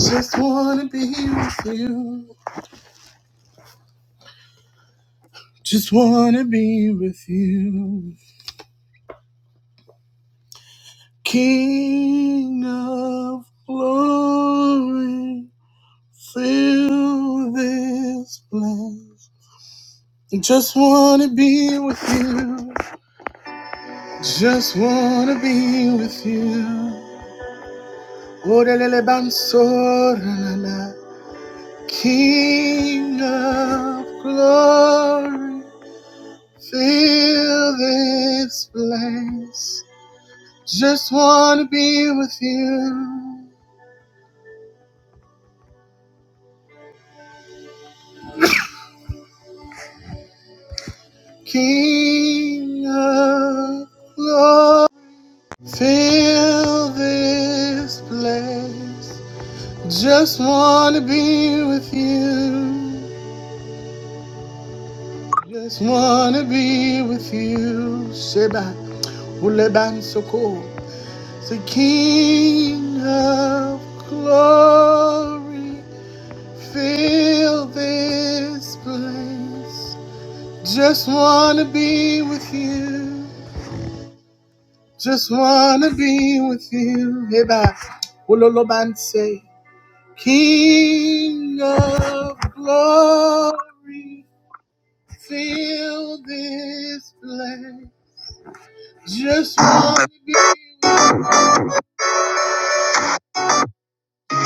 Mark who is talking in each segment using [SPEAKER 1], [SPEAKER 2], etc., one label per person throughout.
[SPEAKER 1] Just wanna be with you. Just wanna be with you. King of glory, fill this place. Just wanna be with you. Just wanna be with you. Orelele bansorana. King of glory, fill this place. Just want to be with you, King of glory. Fill this place. Just want to be with you. Just want to be with you. Sheba, Uleban Soko. The King of glory. Fill this place. Just wanna be with you. Just wanna be with you. Hey, ba. Uloloban say, King of glory, fill this place. Just wanna be with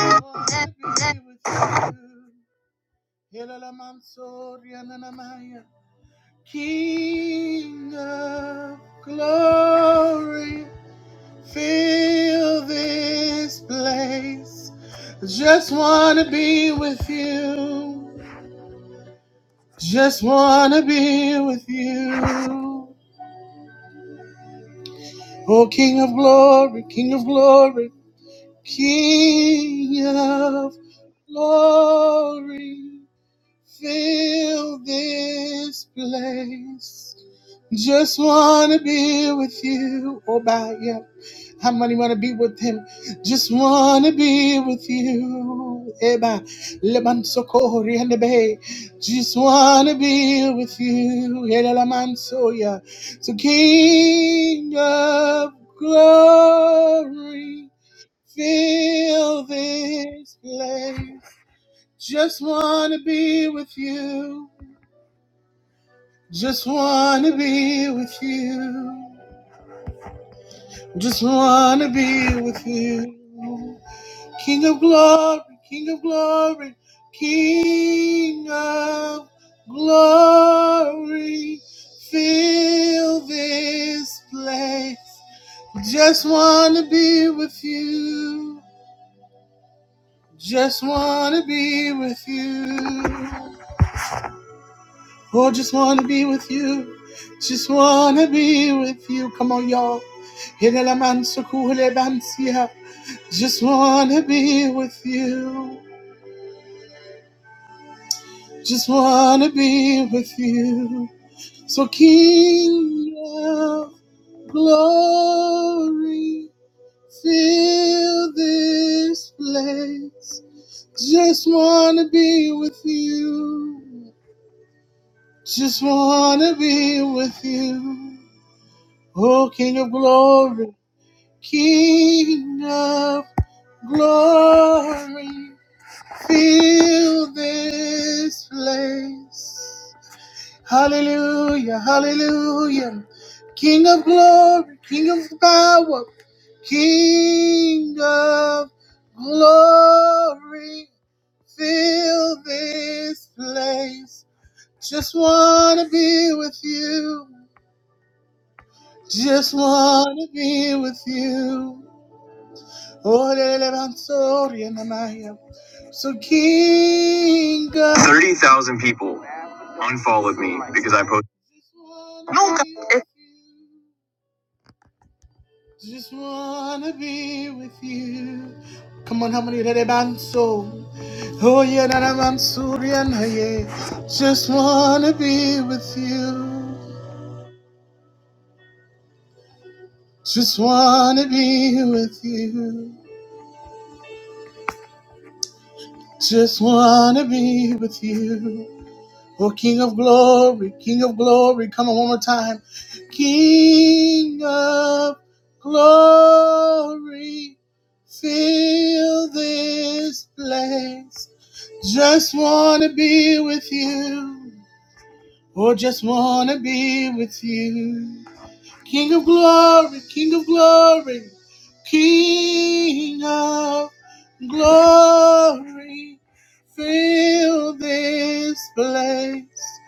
[SPEAKER 1] wanna be with you. Helalaman soria nanamaya. King of glory. Feel this place. Just wanna be with you. Just wanna be with you. Oh, King of glory, King of glory, King of glory. Fill this place. Just wanna be with you. Oh, by yeah. How many wanna be with him? Just wanna be with you. Eba, leman sokori and the bay. Just wanna be with you. Elelaman soya. So yeah. So, King of Glory, fill this place. Just wanna be with you. Just wanna be with you. Just wanna be with you. King of glory, King of glory, King of glory. Fill this place. Just wanna be with you. Just wanna be with you. Oh, just wanna be with you. Just wanna be with you. Come on, y'all. Hele la man sukuhule bansia. Just wanna be with you. Just wanna be with you. So, King of Glory, fill this place. Just wanna be with you. Just wanna be with you. Oh, King of glory, King of glory, fill this place. Hallelujah, hallelujah. King of glory, King of power, King of glory, fill this place. Just want to be with you. Just want to be with you. So Thirty thousand people unfollowed me because I posted. No, just wanna be with you. Come on, how many did it so? Oh yeah, that I'm Surian, yeah. nah, yeah. Just wanna be with you. Just wanna be with you. Just wanna be with you. Oh, King of glory, King of glory. Come on, one more time. King of glory, fill this place. Just want to be with you. Oh, just want to be with you. King of glory, King of glory, King of glory, fill this place.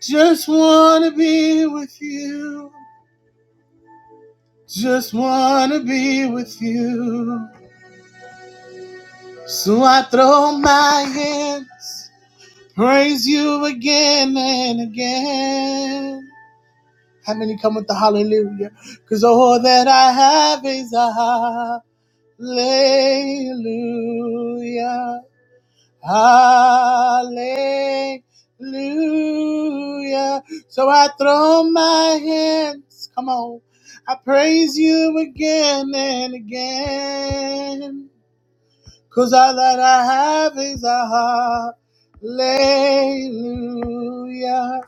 [SPEAKER 1] Just wanna be with you, just wanna be with you. So I throw my hands, praise you again and again. How many come with the hallelujah? Cause all that I have is a Hallelujah. Hallelujah. So I throw my hands. Come on. I praise you again and again. Cause all that I have is a hallelujah.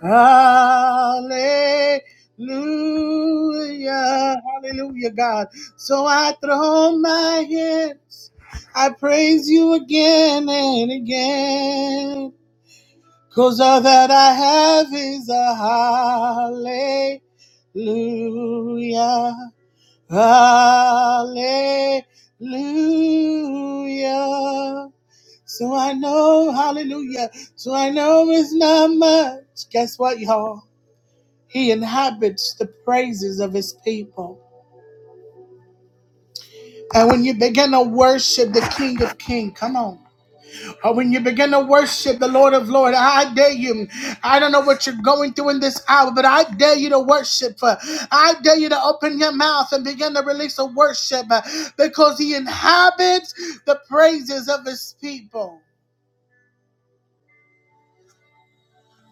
[SPEAKER 1] Hallelujah. Hallelujah, God. So I throw my hands. I praise you again and again, 'cause all that I have is a hallelujah. Hallelujah. So I know, hallelujah. So I know it's not much. Guess what, y'all? He inhabits the praises of his people. And when you begin to worship the King of Kings, come on. Or when you begin to worship the Lord of Lord, I dare you. I don't know what you're going through in this hour, but I dare you to worship. Uh, I dare you to open your mouth and begin to release a worship uh, because he inhabits the praises of his people.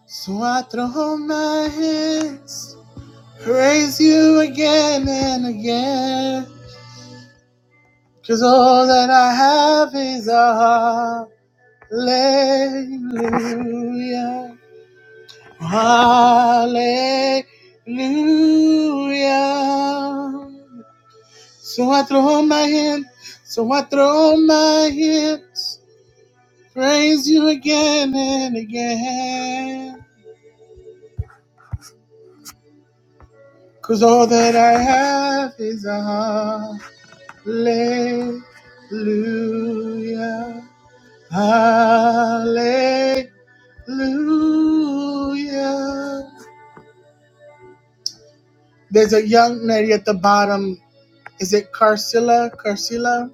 [SPEAKER 1] So I throw my hands, praise you again and again. Cause all that I have is a hallelujah. Hallelujah. So I throw my hand, so I throw my hands. Praise you again and again. 'Cause all that I have is a hallelujah. Hallelujah. There's a young lady at the bottom. Is it Carcilla? Carcilla?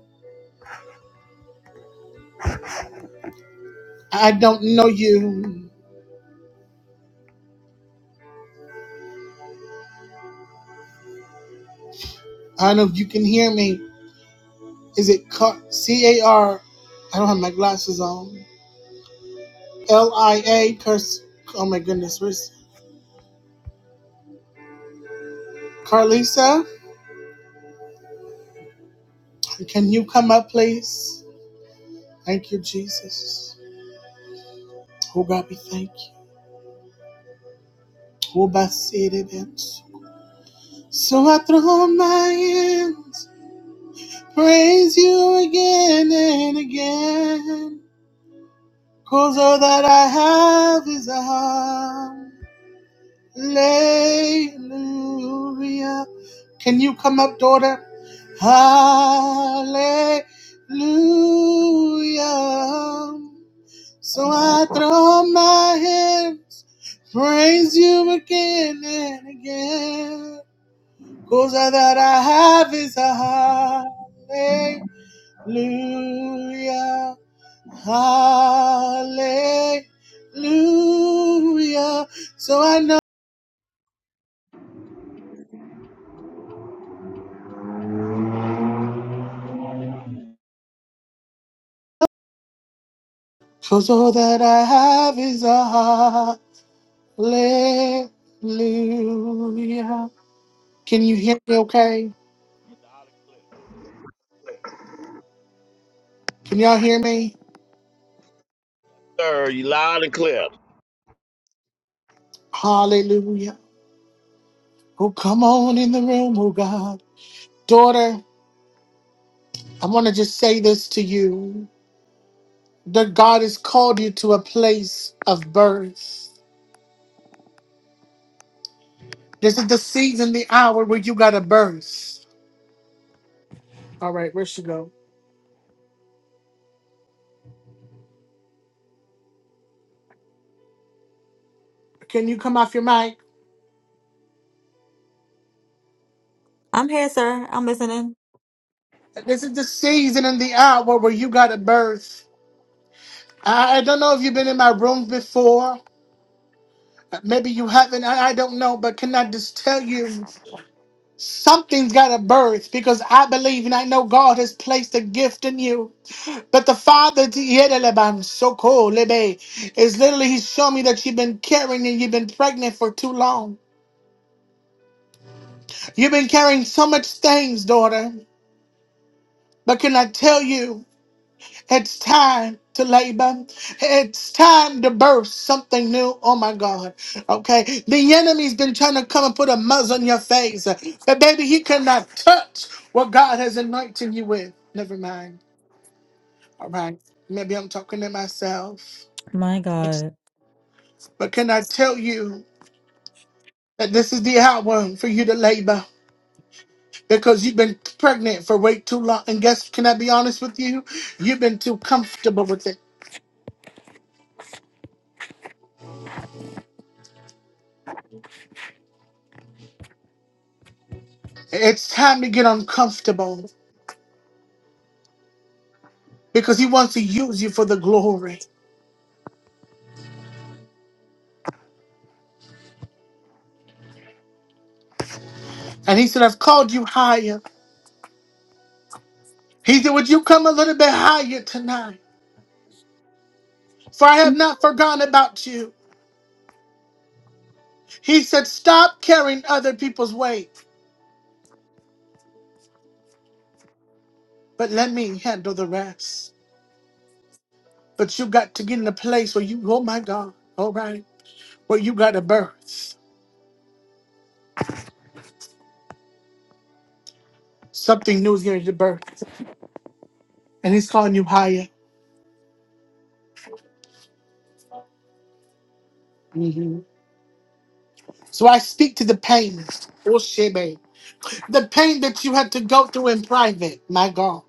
[SPEAKER 1] I don't know you. I don't know if you can hear me. Is it Car- C A R? I don't have my glasses on. L I A. Cars. Oh my goodness. Where's Carlisa? Can you come up, please? Thank you, Jesus. Oh God, we thank you. Oh, by city, bitch. So I throw my hands Praise you again and again, 'cause all that I have is a hallelujah. Can you come up, daughter? Hallelujah. So I throw up my hands, praise you again and again, 'cause all that I have is a hallelujah. Hallelujah, hallelujah. So I know, cause all that I have is a hallelujah. Can you hear me okay?
[SPEAKER 2] Loud and clear.
[SPEAKER 1] Can y'all hear me?
[SPEAKER 2] Sir, you loud and clear.
[SPEAKER 1] Hallelujah. Oh, come on in the room, oh God. Daughter, I want to just say this to you that God has called you to a place of birth. This is the season, the hour where you got to birth. All right, where she go? Can you come off your mic?
[SPEAKER 3] I'm here, sir. I'm listening.
[SPEAKER 1] This is the season and the hour where you got a birth. I, I don't know if you've been in my room before. Maybe you haven't. I, I don't know. But can I just tell you, something's got a birth because I believe and I know God has placed a gift in you. But the Father, Tiedeleban, so cool, Lebe, is literally, He's shown me that you've been carrying and you've been pregnant for too long. You've been carrying so much things, daughter. But can I tell you? It's time to labor. It's time to birth something new. Oh my God. Okay. The enemy's been trying to come and put a muzzle on your face. But baby, he cannot touch what God has anointed you with. Never mind. All right. Maybe I'm talking to myself.
[SPEAKER 3] My God.
[SPEAKER 1] But can I tell you that this is the hour for you to labor? Because you've been pregnant for way too long. And guess, can I be honest with you? You've been too comfortable with it. It's time to get uncomfortable. because he wants to use you for the glory. And he said, I've called you higher. He said, Would you come a little bit higher tonight? For I have not forgotten about you. He said, Stop carrying other people's weight, but let me handle the rest. But you got to get in a place where you, oh my God, all right, where you got to birth. Something new is getting to birth. And he's calling you higher. Mhm. So I speak to the pain, oh shebe, the pain that you had to go through in private, my God.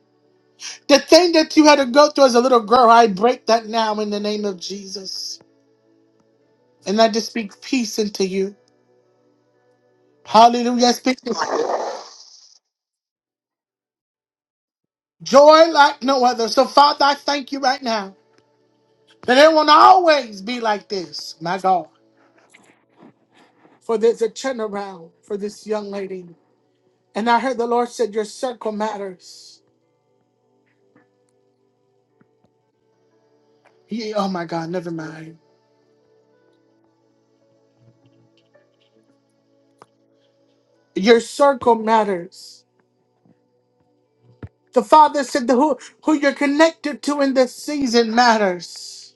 [SPEAKER 1] The thing that you had to go through as a little girl, I break that now in the name of Jesus. And I just speak peace into you. Hallelujah. I Speak joy like no other. So, Father, I thank you right now that it won't always be like this, my God. For there's a turnaround for this young lady. And I heard the Lord said, Your circle matters. Ye- oh, my God, never mind. Your circle matters. The Father said, the, who, who you're connected to in this season matters.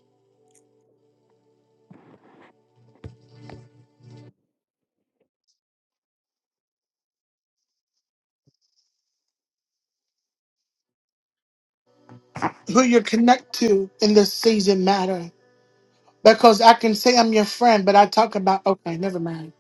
[SPEAKER 1] who you connect to in this season matter. Because I can say I'm your friend, but I talk about okay, never mind.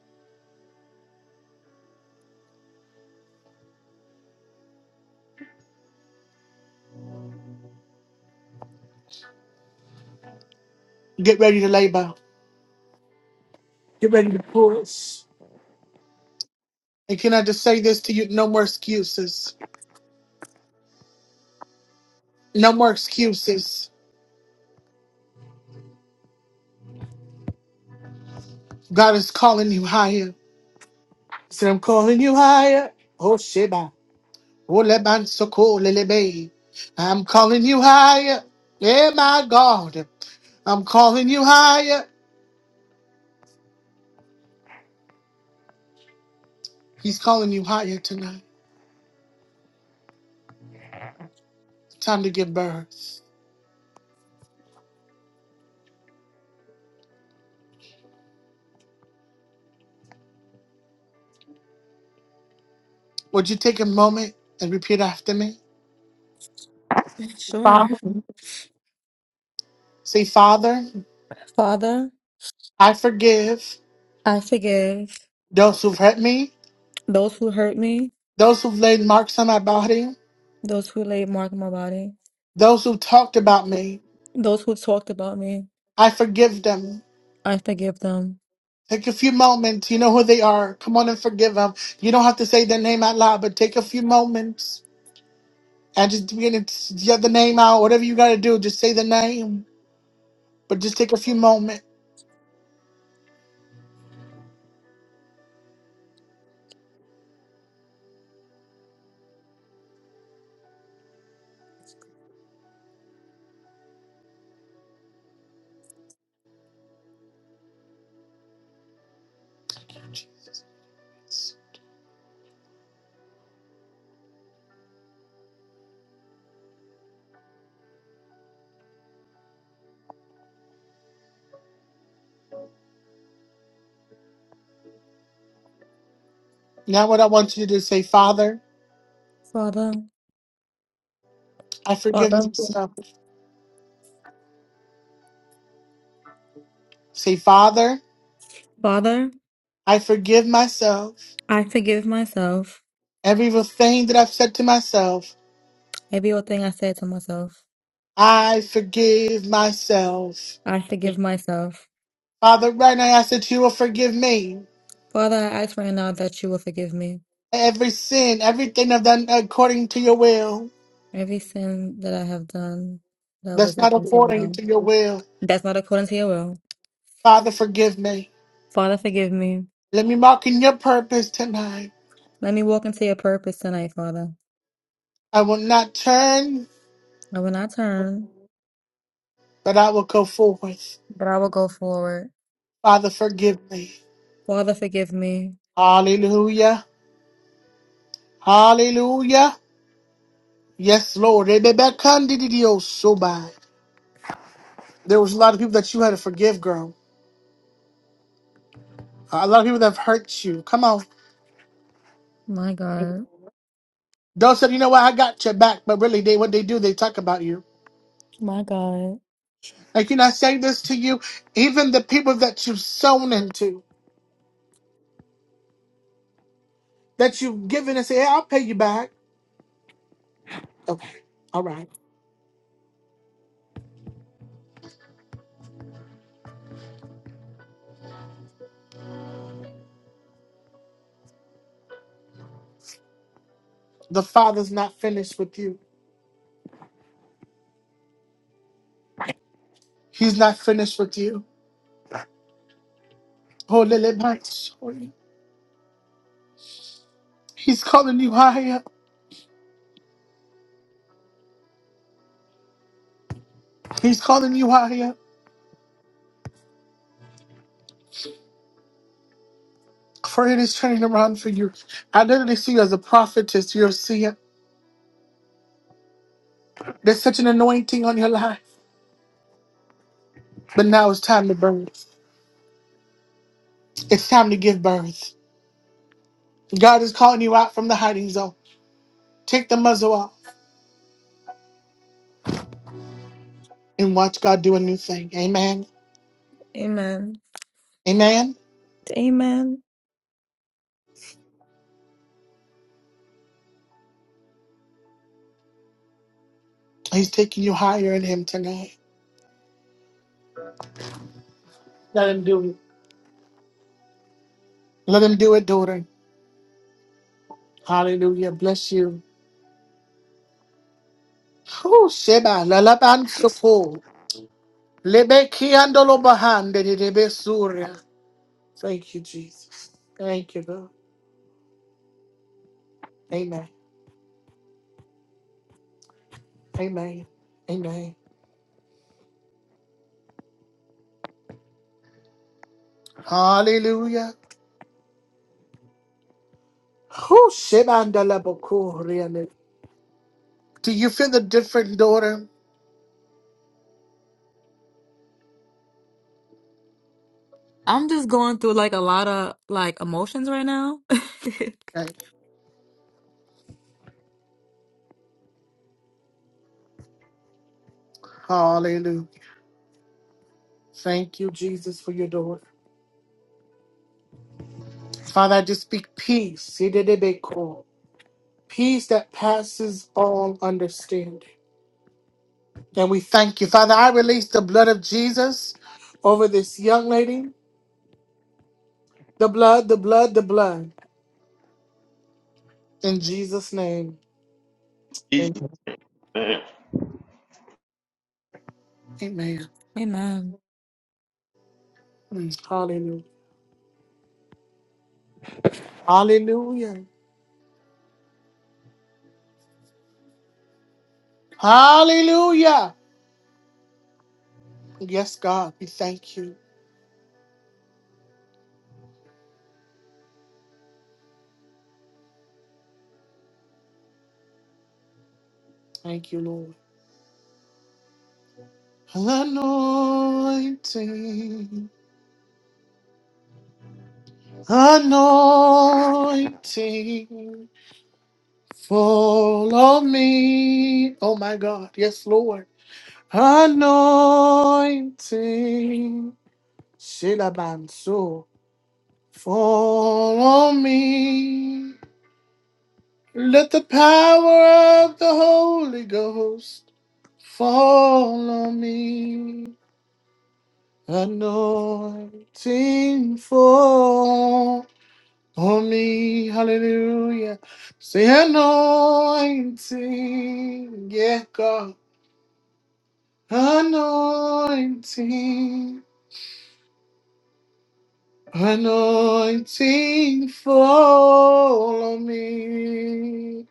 [SPEAKER 1] Get ready to labor. Get ready to push. And can I just say this to you? No more excuses. No more excuses. God is calling you higher. He said, I'm calling you higher. Oh Sheba. Oh Leban Soko Lelebe. I'm calling you higher. Yeah, my God. I'm calling you higher. He's calling you higher tonight. Time to give birth. Would you take a moment and repeat after me?
[SPEAKER 3] Sure.
[SPEAKER 1] Father, Say, Father,
[SPEAKER 3] Father,
[SPEAKER 1] I forgive
[SPEAKER 3] I forgive
[SPEAKER 1] those who've hurt me,
[SPEAKER 3] those who hurt me,
[SPEAKER 1] those who've laid marks on my body,
[SPEAKER 3] those who laid mark on my body,
[SPEAKER 1] those who've talked about me.
[SPEAKER 3] those who talked about me.
[SPEAKER 1] I forgive them.
[SPEAKER 3] I forgive them.
[SPEAKER 1] Take a few moments. You know who they are. Come on and forgive them. You don't have to say their name out loud, but take a few moments and just begin to get the name out. Whatever you got to do, just say the name, but just take a few moments. Now, what I want you to do is say, Father,
[SPEAKER 3] Father,
[SPEAKER 1] I forgive
[SPEAKER 3] Father,
[SPEAKER 1] myself. Say, Father,
[SPEAKER 3] Father,
[SPEAKER 1] I forgive myself.
[SPEAKER 3] I forgive myself.
[SPEAKER 1] Every evil thing that I've said to myself,
[SPEAKER 3] Every old thing I said to myself,
[SPEAKER 1] I forgive myself.
[SPEAKER 3] I forgive myself.
[SPEAKER 1] Father, right now I ask that you will forgive me.
[SPEAKER 3] Father, I ask right now that you will forgive me.
[SPEAKER 1] Every sin, everything I've done according to your will,
[SPEAKER 3] Every sin that I have done that was
[SPEAKER 1] that's not
[SPEAKER 3] against your
[SPEAKER 1] according
[SPEAKER 3] will,
[SPEAKER 1] to your will.
[SPEAKER 3] that's not according to your will.
[SPEAKER 1] Father, forgive me.
[SPEAKER 3] Father, forgive me.
[SPEAKER 1] Let me walk in your purpose tonight.
[SPEAKER 3] Let me walk into your purpose tonight, Father.
[SPEAKER 1] I will not turn,
[SPEAKER 3] And when I turn,
[SPEAKER 1] but I will go forth.
[SPEAKER 3] but I will go forward.
[SPEAKER 1] Father, forgive me.
[SPEAKER 3] Father, forgive me.
[SPEAKER 1] Hallelujah. Hallelujah. Yes, Lord. Rebecca, There was a lot of people that you had to forgive, girl. A lot of people that have hurt you. Come on.
[SPEAKER 3] My God.
[SPEAKER 1] Those said, you know what, I got your back, but really they what they do, they talk about you.
[SPEAKER 3] My God.
[SPEAKER 1] Like you I say this to you, even the people that you've sown into, that you've given and say, Hey, I'll pay you back. Okay. All right. The father's not finished with you. He's not finished with you. Oh Lily my sorry. He's calling you higher. He's calling you higher. For it is turning around for you. I literally see you as a prophetess. You're a seer. There's such an anointing on your life. But now it's time to birth. It's time to give birth. God is calling you out from the hiding zone. Take the muzzle off and watch God do a new thing. Amen.
[SPEAKER 3] Amen.
[SPEAKER 1] Amen.
[SPEAKER 3] Amen.
[SPEAKER 1] He's taking you higher in Him tonight. Let Him do it. Let Him do it, daughter. Hallelujah. Bless you. Whew, Sheba, lalaban shufu. Lebe kiandolo bahande de debe surya. Thank you, Jesus. Thank you, God. Amen. Amen. Amen. Hallelujah. Whew, Sheba, ndalabokuria. Do you feel the different daughter?
[SPEAKER 3] I'm just going through like a lot of like emotions right now.
[SPEAKER 1] Okay. Hallelujah. Thank you, Jesus, for your daughter. Father, I just speak peace. Sididibeko. Peace that passes all understanding. And we thank you. Father, I release the blood of Jesus over this young lady. The blood, the blood, the blood. In Jesus' name.
[SPEAKER 2] Jesus,
[SPEAKER 1] Amen.
[SPEAKER 2] man,
[SPEAKER 1] Amen.
[SPEAKER 3] Amen.
[SPEAKER 1] Mm. Hallelujah. Hallelujah. Hallelujah. Yes, God. We thank you. Thank you, Lord. Anointing, anointing, fall on me. Oh my God, yes, Lord. Anointing, Shilabanso, fall on me. Let the power of the Holy Ghost fall on me. Anointing, fall. on me. Hallelujah. Say anointing. Yeah, God. Anointing. Anointing fall on me.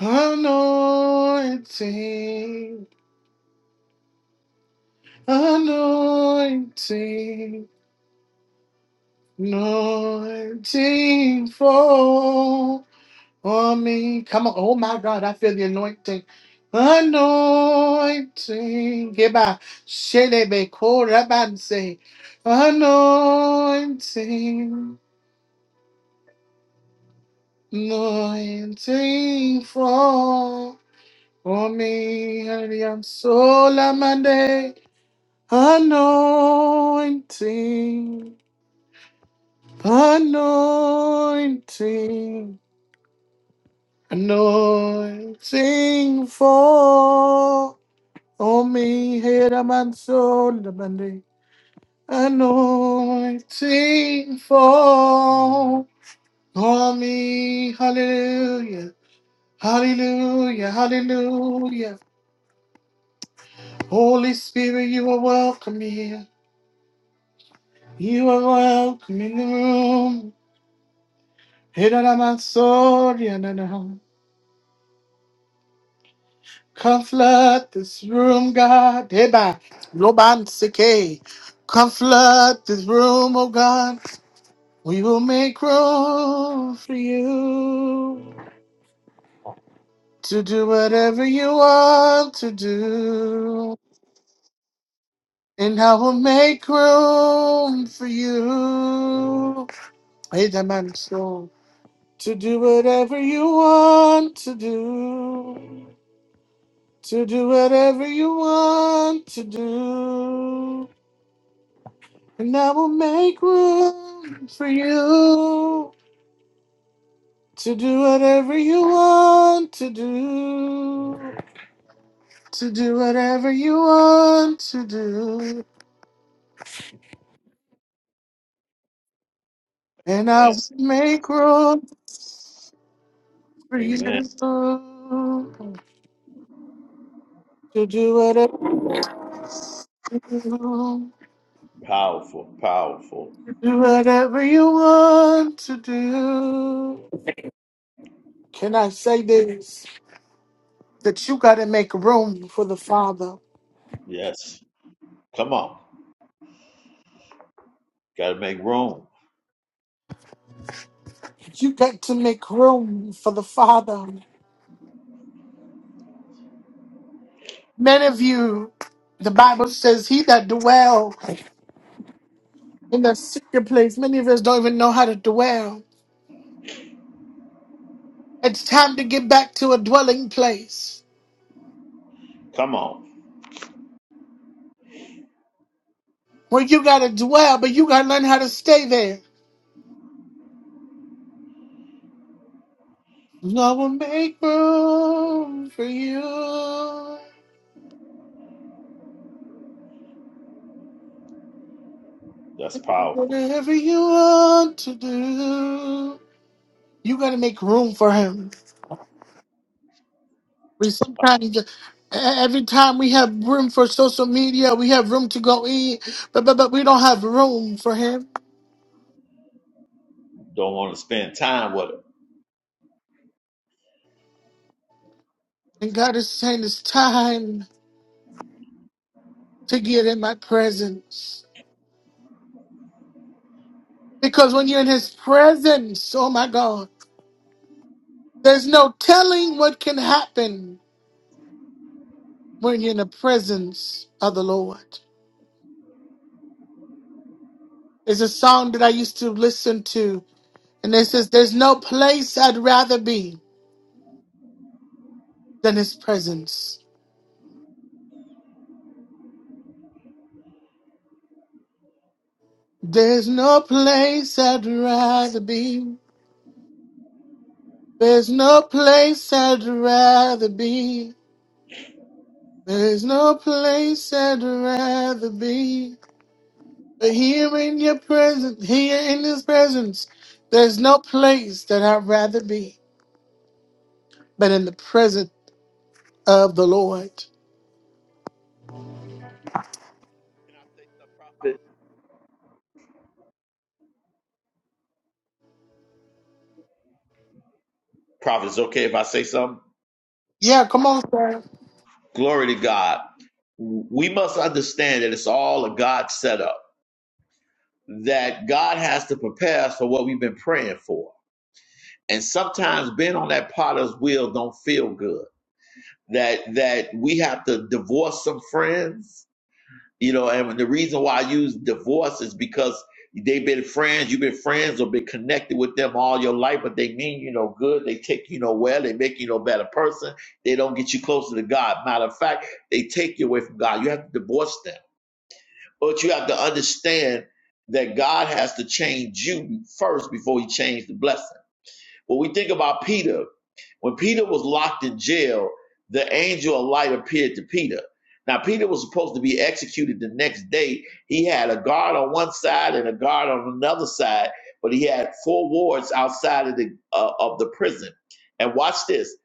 [SPEAKER 1] Anointing. Anointing. Anointing fall. on me. Come on. Oh my God, I feel the anointing. Anointing. Goodbye. Shelebe korabanse. Anointing. Anointing fall on me. Hallelujah. I'm so lamande. Anointing. Anointing. Anointing fall. Omi Hiramanso Labandi Anointing fall on me. Hallelujah. Hallelujah. Hallelujah. Holy Spirit, you are welcome here. You are welcome in the room. Hiramanso Yanana. Come flood this room, God. Eba. Loban Sike. Come flood this room, oh God. We will make room for you to do whatever you want to do. And I will make room for you. Hey, that man, so to do whatever you want to do. To do whatever you want to do. And I will make room for you to do whatever you want to do. to do whatever you want to do, and
[SPEAKER 2] man,
[SPEAKER 1] I will make room for you
[SPEAKER 2] amen.
[SPEAKER 1] to do whatever you,
[SPEAKER 2] Powerful, powerful.
[SPEAKER 1] do whatever you want to do. Can I say this? That you got to make room for the Father.
[SPEAKER 2] Yes. Come on. Got to make room.
[SPEAKER 1] You got to make room for the Father. Many of you, the Bible says, he that dwell in the secret place. Many of us don't even know how to dwell. It's time to get back to a dwelling place
[SPEAKER 2] Come on.
[SPEAKER 1] where you gotta dwell, but you gotta learn how to stay there. I will make room for you.
[SPEAKER 2] That's powerful.
[SPEAKER 1] Whatever you want to do, you gotta make room for him. We sometimes, e- e-, every time we have room for social media, we have room to go eat, but, but, but we don't have room for him.
[SPEAKER 2] Don't want to spend time with it.
[SPEAKER 1] And God is saying it's time to get in my presence. Because when you're in his presence, oh my God, there's no telling what can happen when you're in the presence of the Lord. It's a song that I used to listen to, and it says, There's no place I'd rather be than his presence. There's no place I'd rather be. There's no place I'd rather be. There's no place I'd rather be. But here in your presence, here in his presence, there's no place that I'd rather be but in the presence of the Lord.
[SPEAKER 2] Can I say something, Prophet? Prophet, it's okay if I say something?
[SPEAKER 1] Yeah, come on, sir.
[SPEAKER 2] Glory to God. We must understand that it's all a God setup, that God has to prepare us for what we've been praying for. And sometimes being on that potter's wheel don't feel good that that we have to divorce some friends, you know, and the reason why I use divorce is because they've been friends, you've been friends or been connected with them all your life, but they mean you no good, they take you nowhere, they make you no better person, they don't get you closer to God. Matter of fact, they take you away from God. You have to divorce them. But you have to understand that God has to change you first before he changed the blessing. When we think about Peter, when Peter was locked in jail, the angel of light appeared to Peter. Now, Peter was supposed to be executed the next day. He had a guard on one side and a guard on another side, but he had four wards outside of the uh, of the prison. And watch this: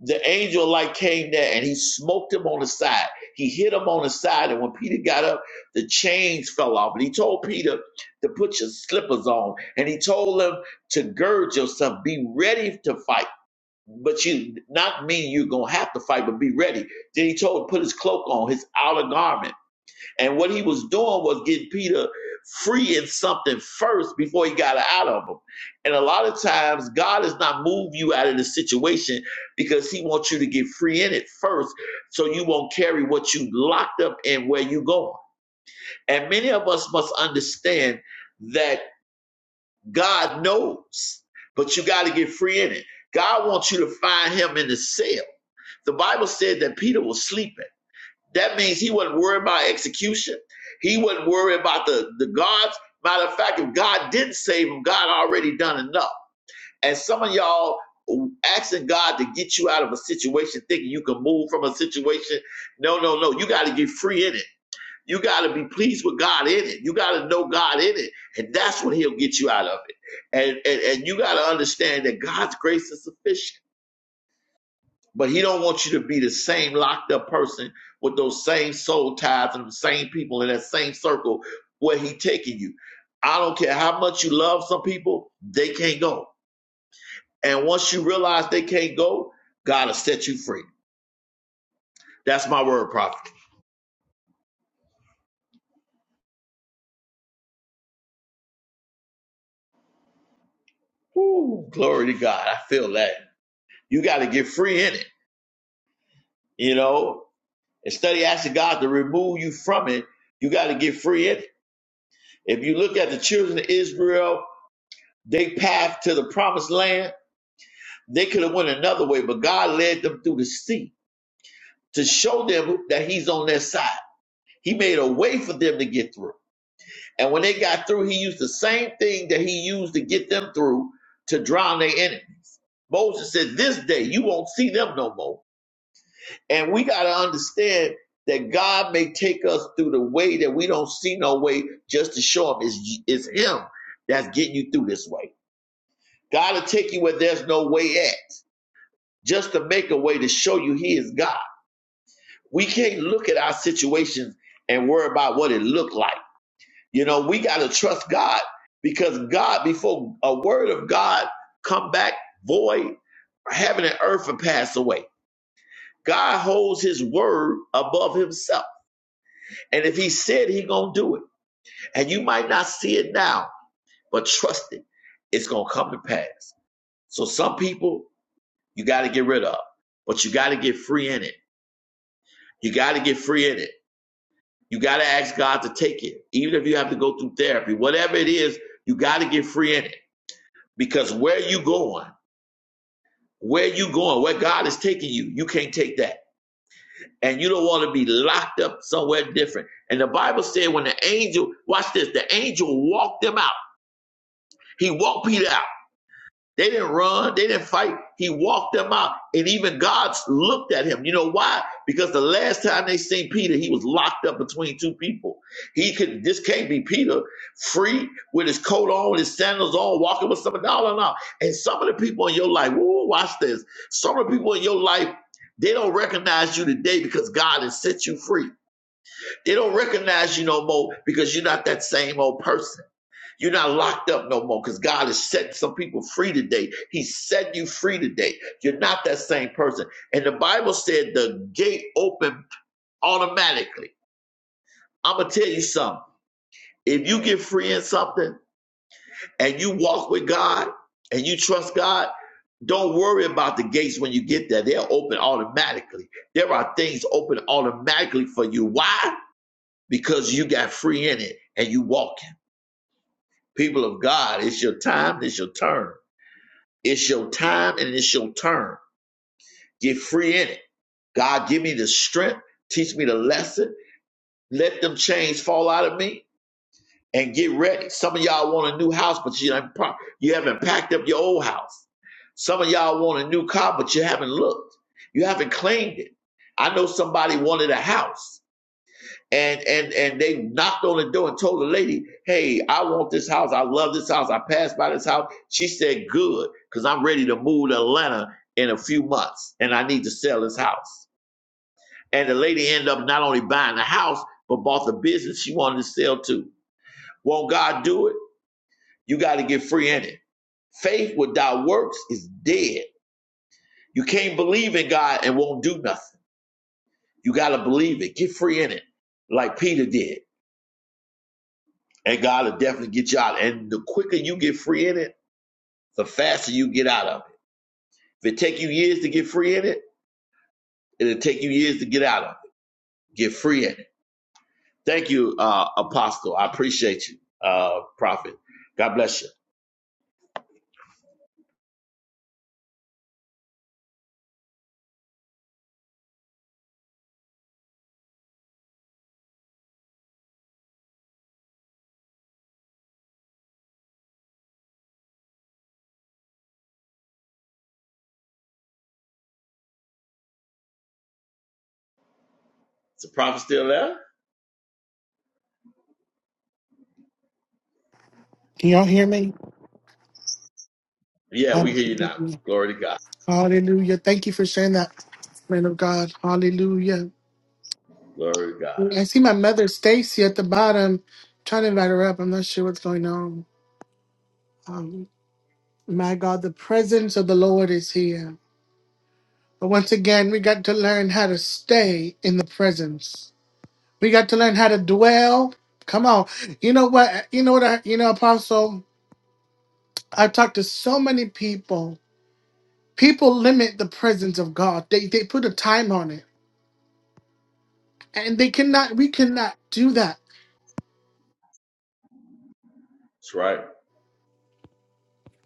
[SPEAKER 2] the angel of light came there and he smoked him on the side. He hit him on the side, and when Peter got up, the chains fell off. And he told Peter to put your slippers on, and he told him to gird yourself, be ready to fight. But you not mean you're gonna have to fight, but be ready. Then he told him to put his cloak on, his outer garment. And what he was doing was getting Peter free in something first before he got it out of him. And a lot of times God has not moved you out of the situation because he wants you to get free in it first, so you won't carry what you locked up in where you going. And many of us must understand that God knows, but you gotta get free in it. God wants you to find him in the cell. The Bible said that Peter was sleeping. That means he wasn't worried about execution. He wasn't worried about the, the gods. Matter of fact, if God didn't save him, God already done enough. And some of y'all asking God to get you out of a situation, thinking you can move from a situation. No, no, no. You got to get free in it. You got to be pleased with God in it. You got to know God in it. And that's when he'll get you out of it. And, and, and you got to understand that God's grace is sufficient. But he don't want you to be the same locked up person with those same soul ties and the same people in that same circle where he taking you. I don't care how much you love some people, they can't go. And once you realize they can't go, God will set you free. That's my word, prophet. Ooh, glory to God. I feel that. You got to get free in it, you know. Instead of asking God to remove you from it, you got to get free in it. If you look at the children of Israel, they path to the promised land They could have went another way, but God led them through the sea to show them that He's on their side. He made a way for them to get through. And when they got through, He used the same thing that He used to get them through to drown their enemy. Moses said, This day you won't see them no more. And we got to understand that God may take us through the way that we don't see no way just to show Him it's, it's Him that's getting you through this way. God will take you where there's no way at just to make a way to show you He is God. We can't look at our situations and worry about what it looked like. You know, we got to trust God because God, before a word of God come back void, heaven and earth will pass away. God holds his word above himself. And if he said he gonna do it, and you might not see it now, but trust it, it's gonna come to pass. So some people you gotta get rid of, but you gotta get free in it. You gotta get free in it. You got to ask God to take it, even if you have to go through therapy. Whatever it is, you got to get free in it because where you going, where you going, where God is taking you, you can't take that. And you don't want to be locked up somewhere different. And the Bible said when the angel, watch this, the angel walked them out. He walked Peter out. They didn't run. They didn't fight. He walked them out. And even God looked at him. You know why? Because the last time they seen Peter, he was locked up between two people. He could, this can't be Peter free with his coat on, his sandals on, walking with some dollar and all. And some of the people in your life, woo, watch this. Some of the people in your life, they don't recognize you today because God has set you free. They don't recognize you no more because you're not that same old person. You're not locked up no more because God is setting some people free today. He set you free today. You're not that same person. And the Bible said the gate opened automatically. I'm going to tell you something. If you get free in something and you walk with God and you trust God, don't worry about the gates when you get there. They're open automatically. There are things open automatically for you. Why? Because you got free in it and you walking. People of God, it's your time, it's your turn. It's your time and it's your turn. Get free in it. God, give me the strength. Teach me the lesson. Let them chains fall out of me and get ready. Some of y'all want a new house, but you haven't, you haven't packed up your old house. Some of y'all want a new car, but you haven't looked. You haven't claimed it. I know somebody wanted a house and and and they knocked on the door and told the lady, "Hey, I want this house. I love this house. I passed by this house." She said, "Good, because I'm ready to move to Atlanta in a few months, and I need to sell this house." And the lady ended up not only buying the house but bought the business she wanted to sell too. Won't God do it? You got to get free in it. Faith without works is dead. You can't believe in God and won't do nothing. You got to believe it. Get free in it, like Peter did. And God will definitely get you out. And the quicker you get free in it, the faster you get out of it. If it take you years to get free in it, it'll take you years to get out of it. Get free in it. Thank you, uh, Apostle. I appreciate you, uh, Prophet. God bless you. Is the prophet still there?
[SPEAKER 1] Can y'all hear me?
[SPEAKER 2] Yeah, we hear you now.
[SPEAKER 1] Hallelujah.
[SPEAKER 2] Glory to God.
[SPEAKER 1] Hallelujah. Thank you for sharing that, man of God. Hallelujah.
[SPEAKER 2] Glory to God.
[SPEAKER 1] I see my mother, Stacy, at the bottom. trying to invite her up. I'm not sure what's going on. Um, my God, the presence of the Lord is here. But once again, we got to learn how to stay in the presence. We got to learn how to dwell. Come on. You know what? You know what? I, you know, Apostle, I talked to so many people. People limit the presence of God. They they put a time on it. And they cannot we cannot do that.
[SPEAKER 2] That's right.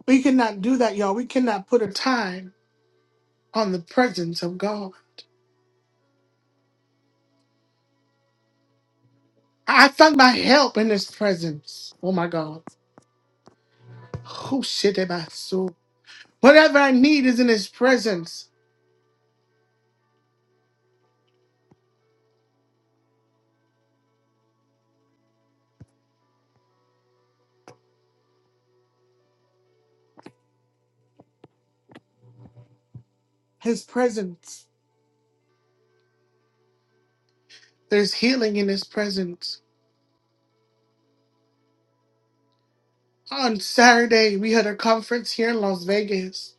[SPEAKER 1] We cannot do that, y'all. We cannot put a time on the presence of God. I found my help in his presence. Oh my God. Oh shit am I so Whatever I need is in his presence. His presence. There's healing in his presence. On Saturday, we had a conference here in Las Vegas.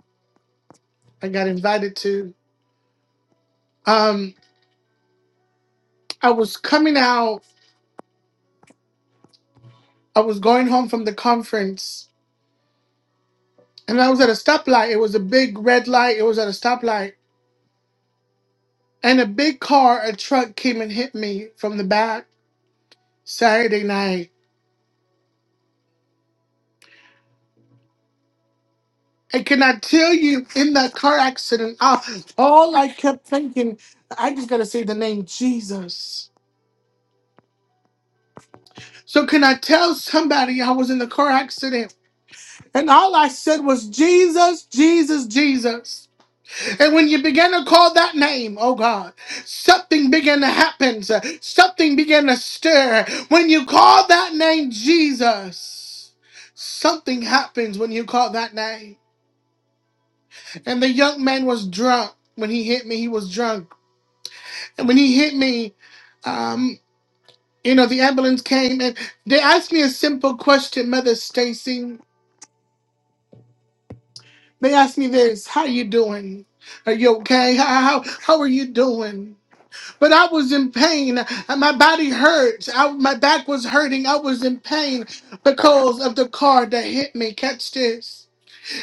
[SPEAKER 1] I got invited to. Um, I was coming out. I was going home from the conference, and I was at a stoplight. It was a big red light. It was at a stoplight, and a big car, a truck, came and hit me from the back Saturday night. And can I tell you, in that car accident, I, all I kept thinking, I just gotta say the name Jesus. So can I tell somebody I was in the car accident? And all I said was, Jesus, Jesus, Jesus. And when you began to call that name, oh God, something began to happen. Something began to stir. When you call that name, Jesus, something happens when you call that name. And the young man was drunk. When he hit me, he was drunk. And when he hit me, um, you know, the ambulance came and they asked me a simple question, Mother Stacy. They asked me this, how you doing? Are you okay? How, how how are you doing? But I was in pain. and My body hurts. I, my back was hurting. I was in pain because of the car that hit me. Catch this.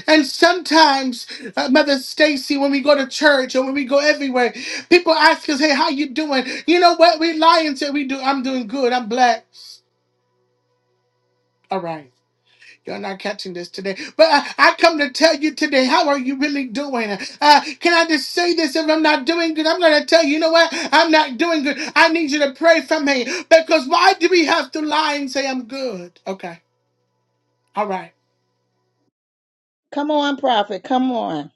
[SPEAKER 1] And sometimes, uh, Mother Stacy, when we go to church or when we go everywhere, people ask us, "Hey, how you doing?" You know what? We lie and say we do. I'm doing good. I'm blessed. All right. You're not catching this today. But I, I come to tell you today, how are you really doing? Uh, can I just say this? If I'm not doing good, I'm going to tell you, you know what? I'm not doing good. I need you to pray for me. Because why do we have to lie and say I'm good? Okay. All right.
[SPEAKER 4] Come on, prophet. Come on.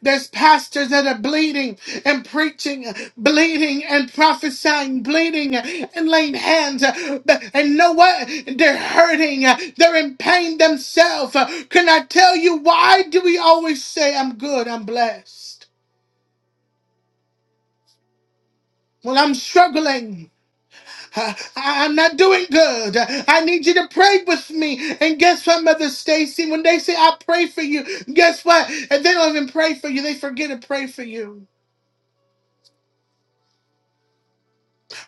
[SPEAKER 1] There's pastors that are bleeding and preaching, bleeding and prophesying, bleeding and laying hands. But- And know what? They're hurting. They're in pain themselves. Can I tell you why do we always say, I'm good, I'm blessed? Well, I'm struggling. Uh, I- I'm not doing good. I need you to pray with me. And guess what, Mother Stacy? When they say I pray for you, guess what? And they don't even pray for you. They forget to pray for you.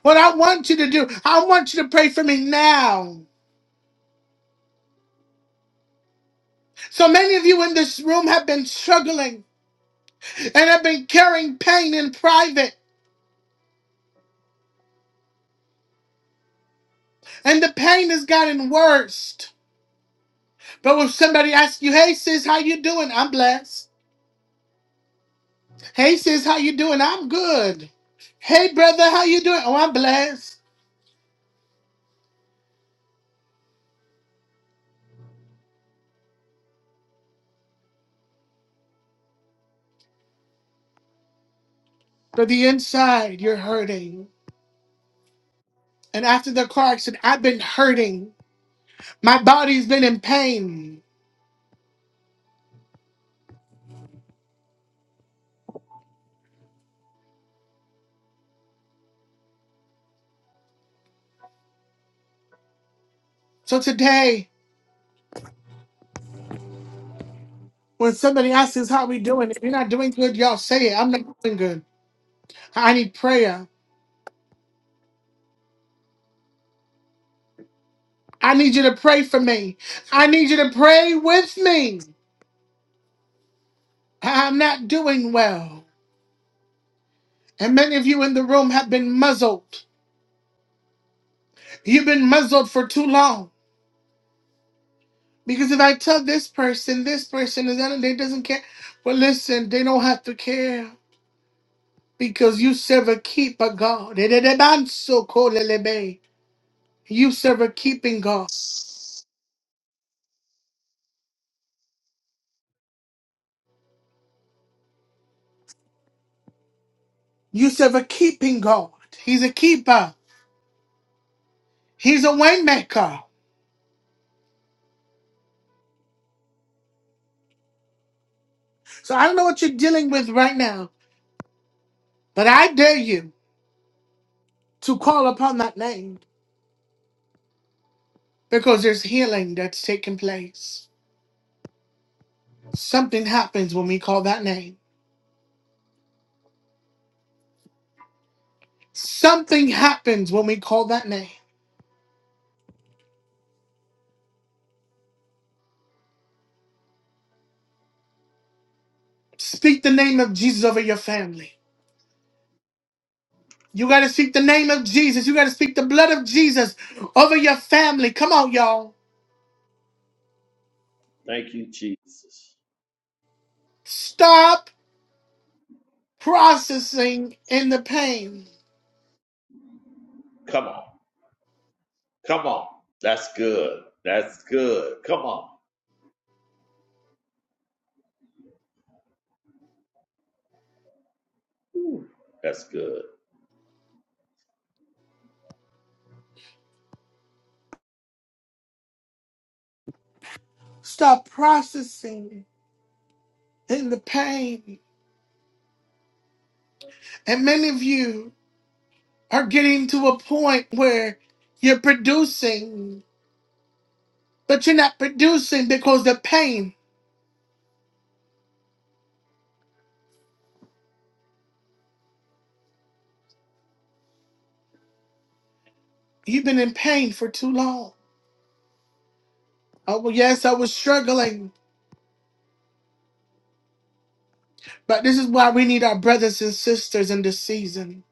[SPEAKER 1] What I want you to do, I want you to pray for me now. So many of you in this room have been struggling and have been carrying pain in private, and the pain has gotten worse. But when somebody asks you, "Hey sis, how you doing?" I'm blessed. Hey sis, how you doing? I'm good. Hey brother, how you doing? Oh, I'm blessed. But the inside, you're hurting. And after the car accident, I've been hurting. My body's been in pain. So today. When somebody asks us how we doing, if you're not doing good, y'all say it. I'm not doing good. I need prayer. I need you to pray for me. I need you to pray with me. I'm not doing well. And many of you in the room have been muzzled. You've been muzzled for too long. Because if I tell this person, this person is that they doesn't care. Well, listen, they don't have to care. Because you serve a keeper God. You serve a keeping God. You serve a keeping God. He's a keeper. He's a waymaker. So I don't know what you're dealing with right now, but I dare you to call upon that name because there's healing that's taking place. Something happens when we call that name. Something happens when we call that name. Speak the name of Jesus over your family. You got to speak the name of Jesus. You got to speak the blood of Jesus over your family. Come on, y'all.
[SPEAKER 2] Thank you, Jesus.
[SPEAKER 1] Stop processing in the pain.
[SPEAKER 2] Come on. Come on. That's good. That's good. Come on. Ooh, That's good.
[SPEAKER 1] Stop processing in the pain. And many of you are getting to a point where you're producing, but you're not producing because the pain, you've been in pain for too long. Oh, well, yes, I was struggling, but this is why we need our brothers and sisters in this season.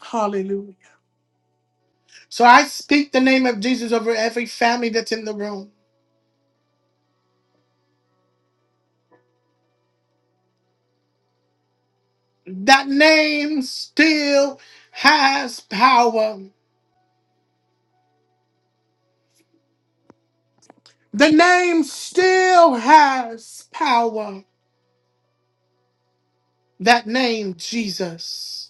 [SPEAKER 1] Hallelujah. So I speak the name of Jesus over every family that's in the room. That name still has power. The name still has power. That name, Jesus.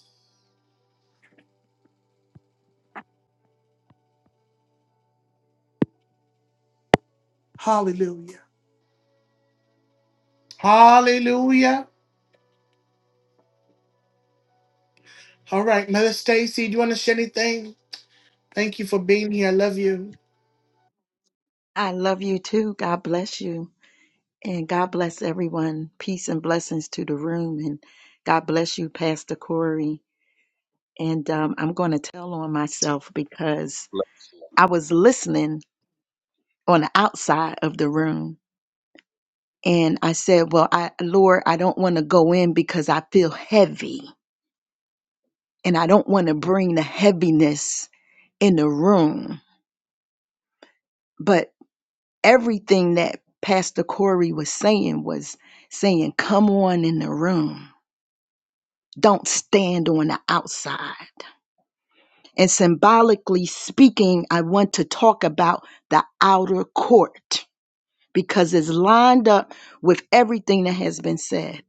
[SPEAKER 1] Hallelujah. Hallelujah. All right, Mother Stacy, do you want to say anything? Thank you for being here. I love you.
[SPEAKER 4] I love you too. God bless you. And God bless everyone. Peace and blessings to the room. And God bless you, Pastor Corey. And um, I'm going to tell on myself because I was listening on the outside of the room. And I said, Well, I, Lord, I don't want to go in because I feel heavy. And I don't want to bring the heaviness in the room. But everything that Pastor Corey was saying was saying, come on in the room. Don't stand on the outside. And symbolically speaking, I want to talk about the outer court because it's lined up with everything that has been said.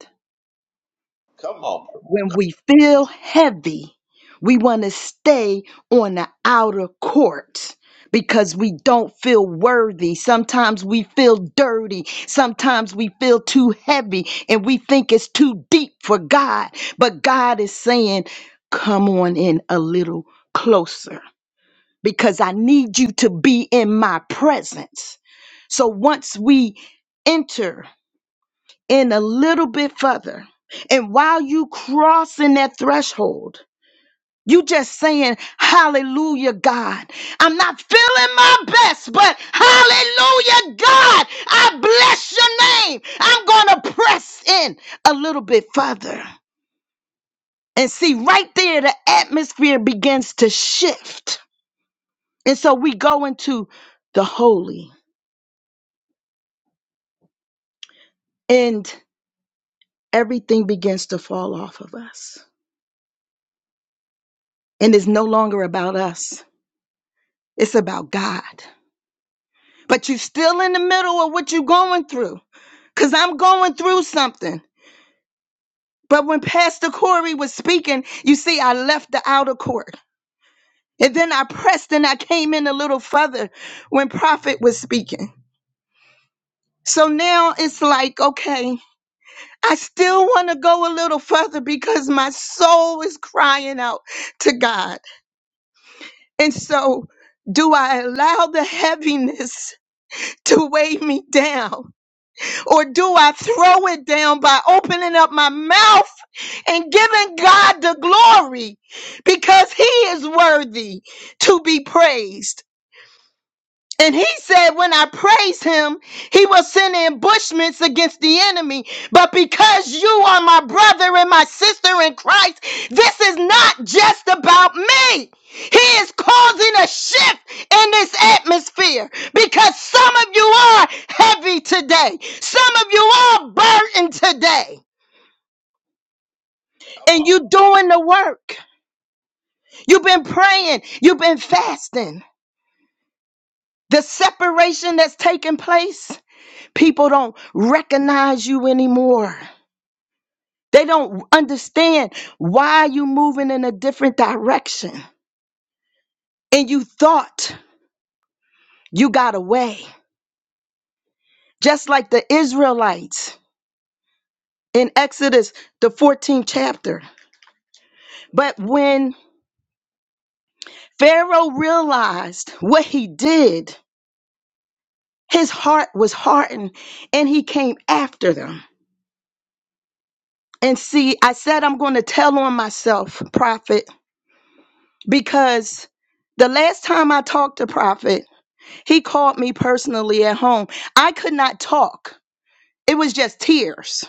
[SPEAKER 2] Come on.
[SPEAKER 4] When we feel heavy, we want to stay on the outer court because we don't feel worthy. Sometimes we feel dirty. Sometimes we feel too heavy and we think it's too deep for God. But God is saying, Come on in a little closer because I need you to be in my presence. So once we enter in a little bit further. And while you crossing that threshold, you just saying, Hallelujah, God. I'm not feeling my best, but hallelujah, God. I bless your name. I'm going to press in a little bit further. And see, right there, the atmosphere begins to shift. And so we go into the holy, and everything begins to fall off of us. And it's no longer about us It's about God. But you're still in the middle of what you're going through. Because I'm going through something. But when Pastor Corey was speaking, you see, I left the outer court. And then I pressed and I came in a little further when Prophet was speaking. So now it's like, okay, I still want to go a little further because my soul is crying out to God. And so, do I allow the heaviness to weigh me down? or do I throw it down by opening up my mouth and giving God the glory because he is worthy to be praised? And he said, When I praise him, he will send ambushments against the enemy. But because you are my brother and my sister in Christ, this is not just about me. He is causing a shift in this atmosphere because some of you are heavy today. Some of you are burdened today.
[SPEAKER 2] Come
[SPEAKER 4] And
[SPEAKER 2] on.
[SPEAKER 4] you doing the work. You've been praying. You've been fasting. The separation that's taking place People don't recognize you anymore. They don't understand why you are moving in a different direction. And you thought you got away. Just like the Israelites in Exodus, the 14th chapter. But when Pharaoh realized what he did, his heart was hardened and he came after them. And see, I said I'm going to tell on myself, prophet, because the last time I talked to prophet, He called me personally at home. I could not talk, it was just tears.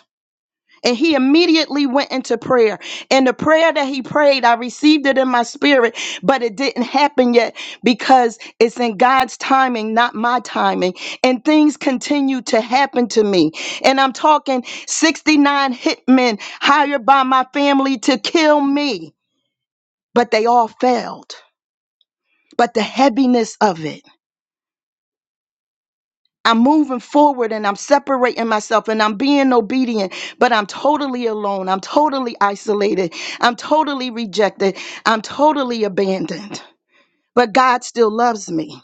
[SPEAKER 4] And he immediately went into prayer. And the prayer that he prayed, I received it in my spirit, but it didn't happen yet because it's in God's timing, not my timing. And things continue to happen to me. And I'm talking 69 hitmen hired by my family to kill me, but they all failed. But the heaviness of it. I'm moving forward and I'm separating myself and I'm being obedient, but I'm totally alone. I'm totally isolated. I'm totally rejected. I'm totally abandoned. But God still loves me.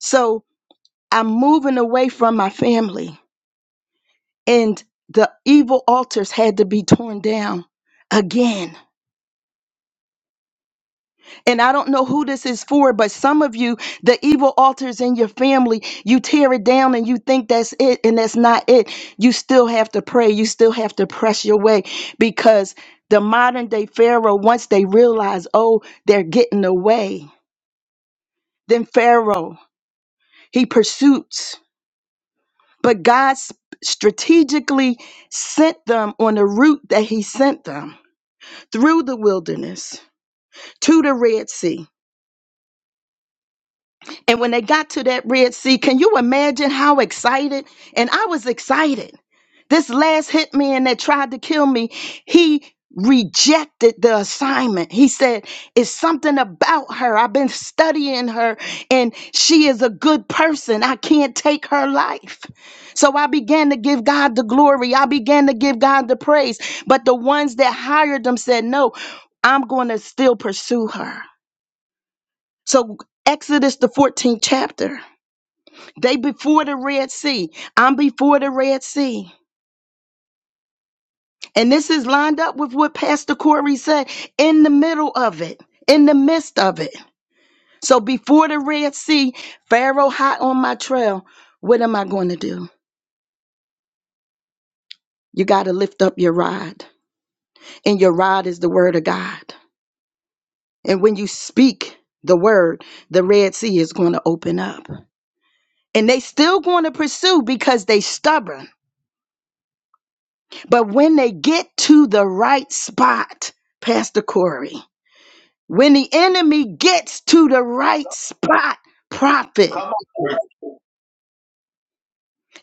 [SPEAKER 4] So I'm moving away from my family. And the evil altars had to be torn down again And I don't know who this is for, but some of you, the evil altars in your family, you tear it down and you think that's it, and that's not it. You still have to pray. You still have to press your way because the modern day Pharaoh, once they realize, oh, they're getting away, then Pharaoh, he pursues. But God s- strategically sent them on the route that he sent them through the wilderness to the Red Sea And when they got to that Red Sea, can you imagine how excited? And I was excited. This last hitman that tried to kill me, he rejected the assignment. He said, It's something about her. I've been studying her, and she is a good person. I can't take her life. So I began to give God the glory. I began to give God the praise. But the ones that hired them said, No, I'm going to still pursue her. So, Exodus, the 14th chapter. They before the Red Sea. I'm before the Red Sea. And this is lined up with what Pastor Corey said in the middle of it, in the midst of it. So before the Red Sea, Pharaoh hot on my trail. What am I going to do? You got to lift up your rod. And your rod is the word of God. And when you speak the word, the Red Sea is going to open up. And they still going to pursue because they stubborn. But when they get to the right spot, Pastor Corey. When the enemy gets to the right spot, prophet,
[SPEAKER 2] Come on.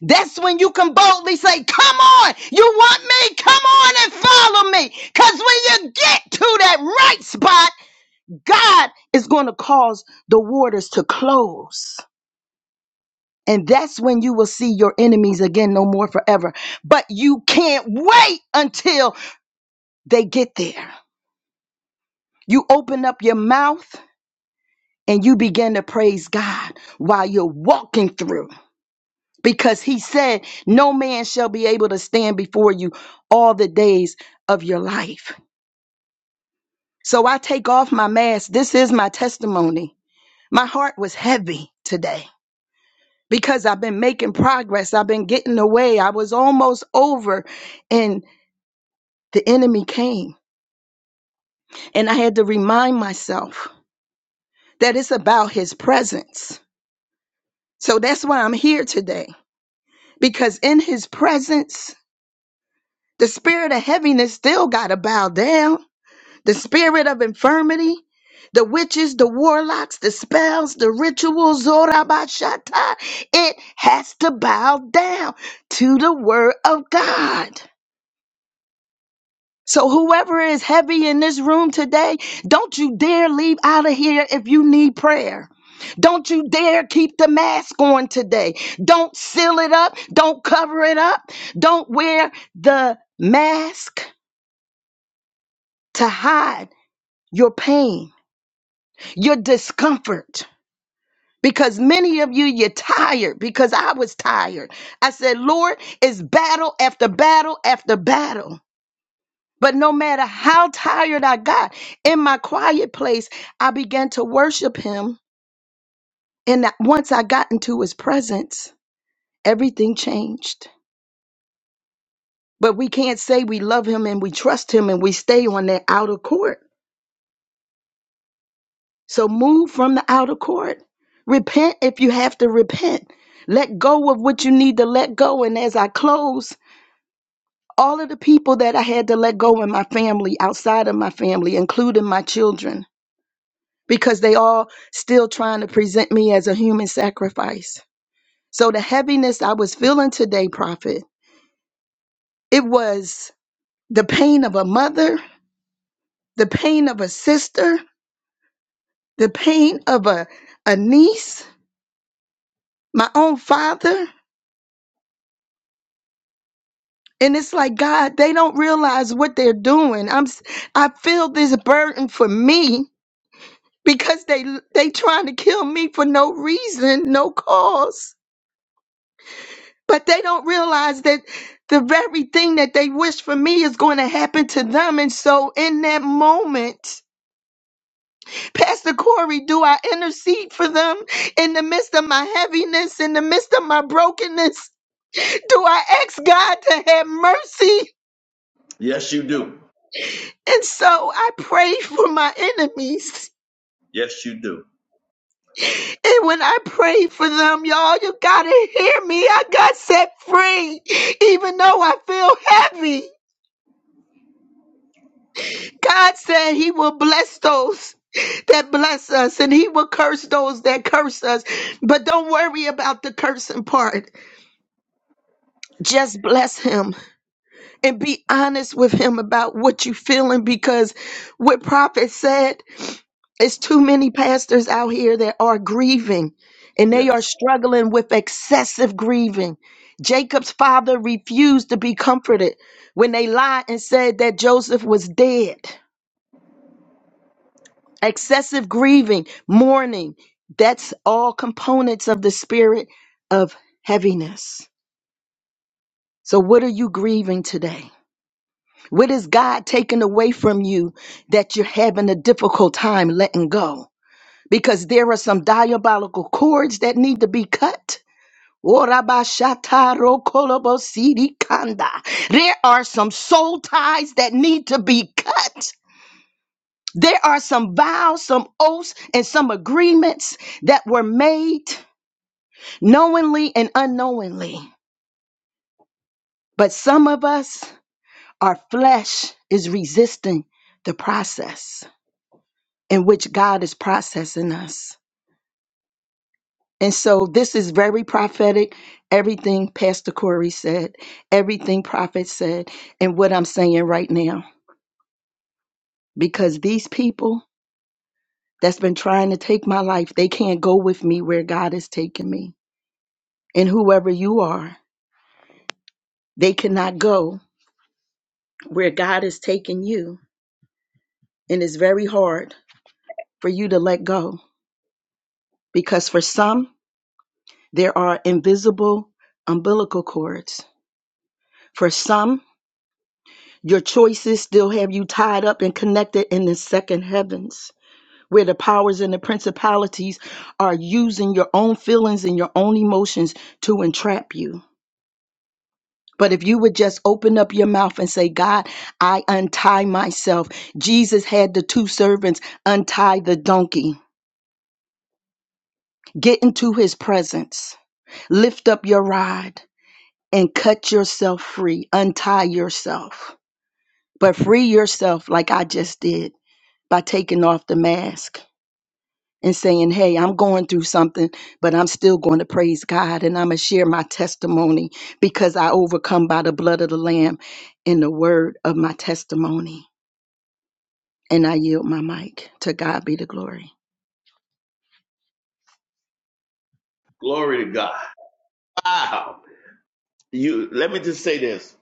[SPEAKER 4] that's when you can boldly say, Come on, you want me? Come on and follow me. Because when you get to that right spot, God is going to cause the waters to close. And that's when you will see your enemies again no more forever. But you can't wait until they get there. You open up your mouth and you begin to praise God while you're walking through. because he said, No man shall be able to stand before you all the days of your life. So I take off my mask. This is my testimony. My heart was heavy today because I've been making progress. I've been getting away. I was almost over, and the enemy came. And I had to remind myself that it's about his presence. So that's why I'm here today because in his presence, the spirit of heaviness still got to bow down. the spirit of infirmity, the witches, the warlocks, the spells, the rituals, Zorabashata, it has to bow down to the word of God. So, whoever is heavy in this room today, don't you dare leave out of here if you need prayer. Don't you dare keep the mask on today. Don't seal it up. Don't cover it up. Don't wear the mask to hide your pain, your discomfort because many of you you're tired because i was tired i said lord it's battle after battle after battle but no matter how tired i got in my quiet place i began to worship him and that- once i got into his presence everything changed but we can't say we love him and we trust him and we stay on that outer court so move from the outer court repent if you have to repent let go of what you need to let go and as i close all of the people that I had to let go in my family, outside of my family, including my children, because they all still trying to present me as a human sacrifice. So the heaviness I was feeling today, Prophet, it was the pain of a mother, the pain of a sister, the pain of a, a niece, my own father. And it's like, God, they don't realize what they're doing. I'm s- I feel this burden for me because they they trying to kill me for no reason, no cause. But they don't realize that the very thing that they wish for me is going to happen to them. And so in that moment, Pastor Corey, do I intercede for them in the midst of my heaviness, in the midst of my brokenness? Do I ask God to have mercy?
[SPEAKER 2] Yes, you do.
[SPEAKER 4] And so I pray for my enemies.
[SPEAKER 2] Yes, you do.
[SPEAKER 4] And when I prayed for them, y'all, you gotta hear me. I got set free, even though I feel heavy. God said He will bless those that bless us, and He will curse those that curse us. But don't worry about the cursing part. Just bless Him and be honest with him about what you feeling because what prophet said it's too many pastors out here that are grieving and
[SPEAKER 2] Yeah.
[SPEAKER 4] they are struggling with excessive grieving. Jacob's father refused to be comforted when they lied and said that Joseph was dead. Excessive grieving, mourning, that's all components of the spirit of heaviness. So, what are you grieving today? What is God taking away from you that you're having a difficult time letting go? Because there are some diabolical cords that need to be cut. There are some soul ties that need to be cut. There are some vows, some oaths, and some agreements that were made knowingly and unknowingly. But some of us, our flesh is resisting the process. in which God is processing us. And so this is very prophetic. Everything Pastor Corey said, everything prophet said, and what I'm saying right now. Because these people that's been trying to take my life, they can't go with me where God is taking me. And whoever you are, they cannot go where God is taking you. And it's very hard for you to let go. Because for some, there are invisible umbilical cords. For some, Your choices still have you tied up and connected in the second heavens, where the powers and the principalities are using your own feelings and your own emotions to entrap you. But if you would just open up your mouth and say, God, I untie myself. Jesus had the two servants untie the donkey. Get into his presence. Lift up your rod and cut yourself free. Untie yourself. But free yourself like I just did by taking off the mask and saying, Hey, I'm going through something, but I'm still going to praise God and I'm going to share my testimony because I overcome by the blood of the Lamb and the word of my testimony. And I yield my mic. To God be the glory.
[SPEAKER 2] Glory to God. Wow. You let me just say this.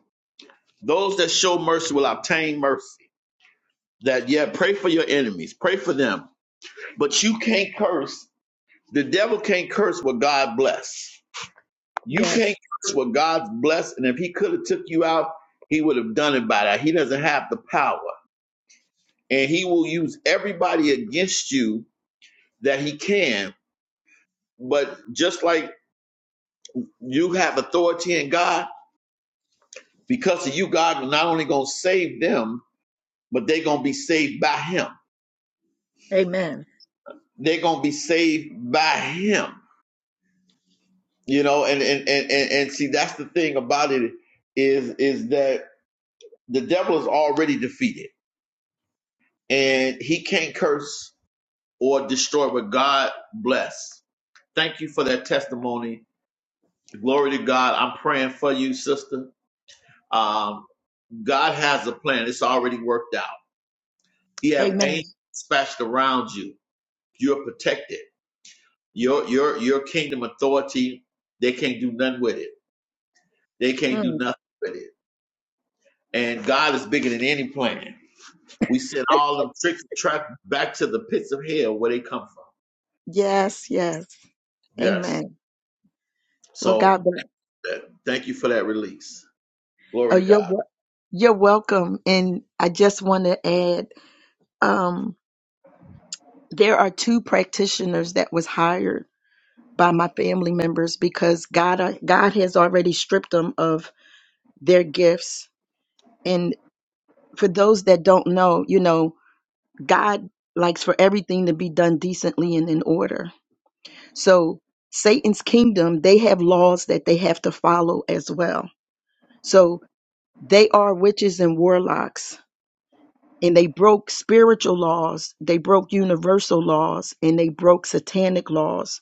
[SPEAKER 2] Those that show mercy will obtain mercy. That yeah, pray for your enemies. Pray for them. But you can't curse. The devil can't curse what God bless. You
[SPEAKER 4] Yes.
[SPEAKER 2] can't curse what God's blessed. And if he could have took you out, he would have done it by that. He doesn't have the power. And he will use everybody against you that he can. But just like you have authority in God, Because of you, God is not only going to save them, but they're going to be saved by Him.
[SPEAKER 4] Amen.
[SPEAKER 2] They're going to be saved by Him. You know, and and, and and and see, that's the thing about it is is that the devil is already defeated, and he can't curse or destroy what God bless. Thank you for that testimony. Glory to God. I'm praying for you, sister. Um, God has a plan. It's already worked out. He have
[SPEAKER 4] Amen.
[SPEAKER 2] angels dispatched around you. You're protected Your your your kingdom authority, they can't do nothing with it. They can't do
[SPEAKER 4] Mm.
[SPEAKER 2] nothing with it. And God is bigger than any plan. We send all them tricks track back to the pits of hell where they come from.
[SPEAKER 4] Yes. Yes.
[SPEAKER 2] Yes.
[SPEAKER 4] Amen. Well, God
[SPEAKER 2] So
[SPEAKER 4] bless.
[SPEAKER 2] that, thank you for that release.
[SPEAKER 4] Oh,
[SPEAKER 2] Glory to
[SPEAKER 4] you're
[SPEAKER 2] God.
[SPEAKER 4] wel- you're welcome. And I just want to add, um, there are two practitioners that was hired by my family members because God uh, God has already stripped them of their gifts. And for those that don't know, you know, God likes for everything to be done decently and in order. So Satan's kingdom, they have laws that they have to follow as well. So they are witches and warlocks and they broke spiritual laws, they broke universal laws and they broke satanic laws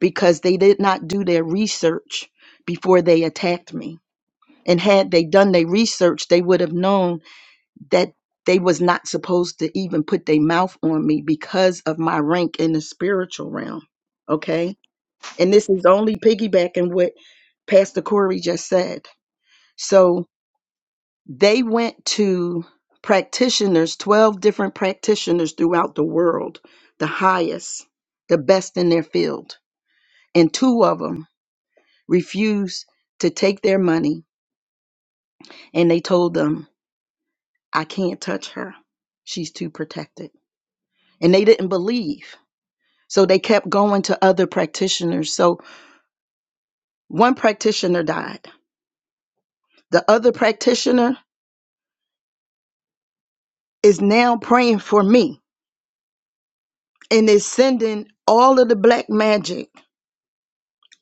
[SPEAKER 4] because they did not do their research before they attacked me and had they done their research they would have known that they was not supposed to even put their mouth on me because of my rank in the spiritual realm okay and this is only piggybacking what pastor corey just said so they went to practitioners 12 different practitioners throughout the world the highest the best in their field and two of them refused to take their money and they told them I can't touch her. She's too protected. And they didn't believe. So they kept going to other practitioners. So one practitioner died. The other practitioner is now praying for me and is sending all of the black magic,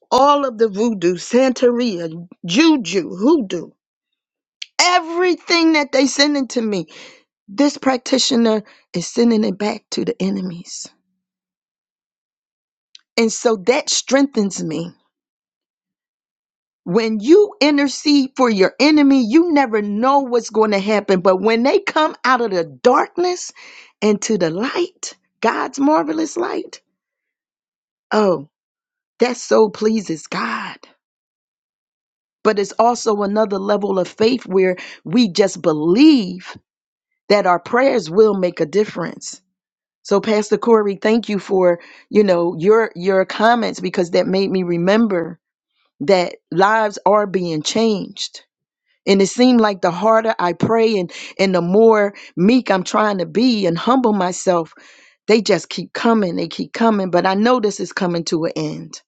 [SPEAKER 4] all of the voodoo, Santeria, juju, hoodoo, everything that they sending to me. This practitioner is sending it back to the enemies. And so that strengthens me when you intercede for your enemy, you never know what's going to happen. But when they come out of the darkness into the light, God's marvelous light, oh, that so pleases God. But it's also another level of faith where we just believe that our prayers will make a difference. So Pastor Corey, thank you for, you know, your your comments because that made me remember that lives are being changed And it seemed like the harder I pray and, and the more meek I'm trying to be and humble myself, they just keep coming. They keep coming. But I know this is coming to an end.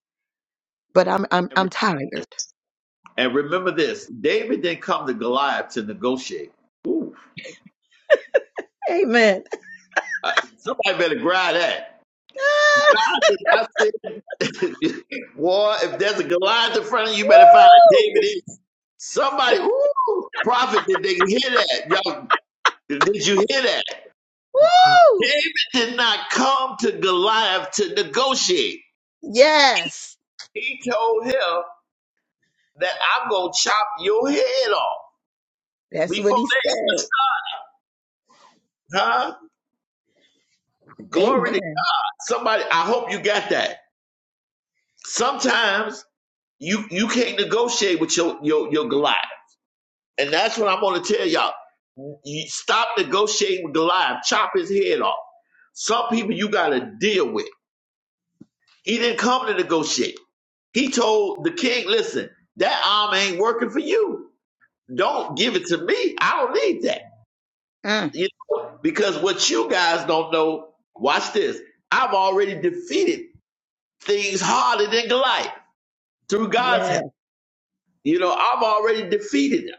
[SPEAKER 4] But I'm I'm
[SPEAKER 2] And re-
[SPEAKER 4] I'm tired.
[SPEAKER 2] and remember this: David didn't come to Goliath to negotiate. Ooh,
[SPEAKER 4] Amen.
[SPEAKER 2] I- somebody better grab that.
[SPEAKER 4] Ah,
[SPEAKER 2] God did not say, "War, if there's a Goliath in front of you, you better find a
[SPEAKER 4] woo,
[SPEAKER 2] David." Somebody, woo, prophet, did they hear that? Y'all, did you hear that?
[SPEAKER 4] woo.
[SPEAKER 2] David did not come to Goliath to negotiate.
[SPEAKER 4] Yes.
[SPEAKER 2] He told him that I'm going to chop your head off
[SPEAKER 4] That's what
[SPEAKER 2] before
[SPEAKER 4] he said.
[SPEAKER 2] they, huh? Glory
[SPEAKER 4] Amen.
[SPEAKER 2] to God. Somebody, I hope you got that. Sometimes you, you can't negotiate with your, your, your Goliath. And that's what I'm going to tell y'all. You stop negotiating with Goliath. Chop his head off. Some people you got to deal with. He didn't come to negotiate. He told the king, listen, that arm ain't working for you. Don't give it to me. I don't need that.
[SPEAKER 4] Mm,
[SPEAKER 2] You know, because what you guys don't know, watch this. I've already defeated things harder than Goliath through
[SPEAKER 4] yeah.
[SPEAKER 2] God's help. You know, I've already defeated them.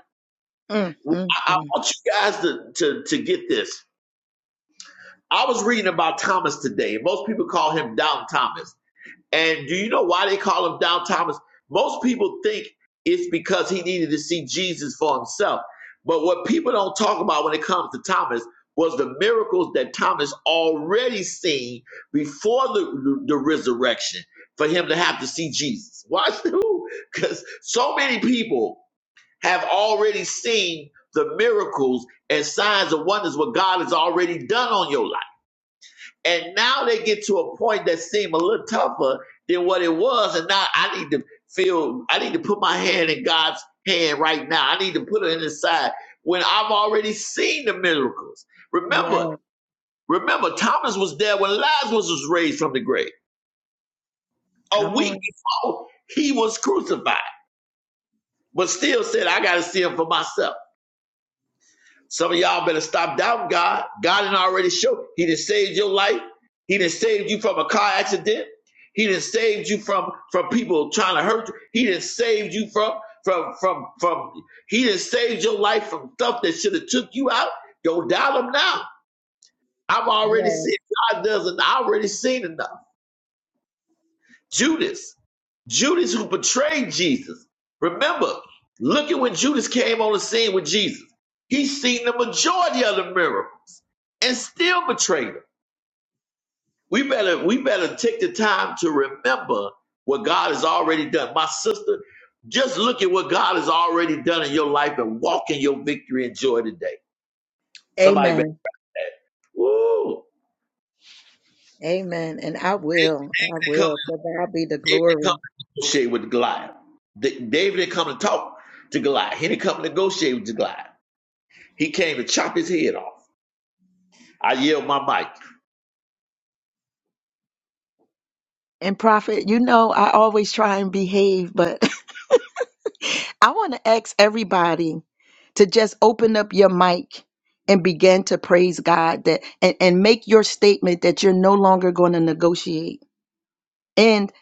[SPEAKER 4] Mm, mm,
[SPEAKER 2] I, I
[SPEAKER 4] mm.
[SPEAKER 2] want you guys to, to, to get this. I was reading about Thomas today. Most people call him Down Thomas. And do you know why they call him Down Thomas? Most people think it's because he needed to see Jesus for himself. But what people don't talk about when it comes to Thomas was the miracles that Thomas already seen before the, the resurrection for him to have to see Jesus. Watch who? Because so many people have already seen the miracles and signs and wonders what God has already done on your life. And now they get to a point that seemed a little tougher than what it was. And now I need to feel, I need to put my hand in God's hand right now. I need to put it in his side when I've already seen the miracles. Remember,
[SPEAKER 4] Yeah.
[SPEAKER 2] remember, Thomas was there when Lazarus was raised from the grave. A
[SPEAKER 4] Come on.
[SPEAKER 2] week before, he was crucified, but still said, I got to see him for myself. Some of y'all better stop doubting God. God did already show. He done saved your life. He done saved you from a car accident. He done saved you from from people trying to hurt you. He done saved you from from from from. He done saved your life from stuff that should have took you out. Don't doubt him now. I've already
[SPEAKER 4] Yeah.
[SPEAKER 2] seen God doesn't. I already seen enough. Judas, Judas who betrayed Jesus. Remember, look at when Judas came on the scene with Jesus. He seen the majority of the miracle. and still betrayed him. We better we better take the time to remember what God has already done. My sister, just look at what God has already done in your life and walk in your victory and joy today. Somebody better
[SPEAKER 4] Amen.
[SPEAKER 2] say, Ooh,
[SPEAKER 4] Amen. And I
[SPEAKER 2] David
[SPEAKER 4] will. I
[SPEAKER 2] didn't come,
[SPEAKER 4] will. To God be the
[SPEAKER 2] David didn't
[SPEAKER 4] glory.
[SPEAKER 2] come to negotiate with Goliath. Da- David didn't come to talk to Goliath. He didn't come to negotiate with Goliath. He came to chop his head off. I yelled my mic.
[SPEAKER 4] And Prophet, you know, I always try and behave, but I want to ask everybody to just open up your mic and begin to praise God that and, and make your statement that you're no longer going to negotiate. And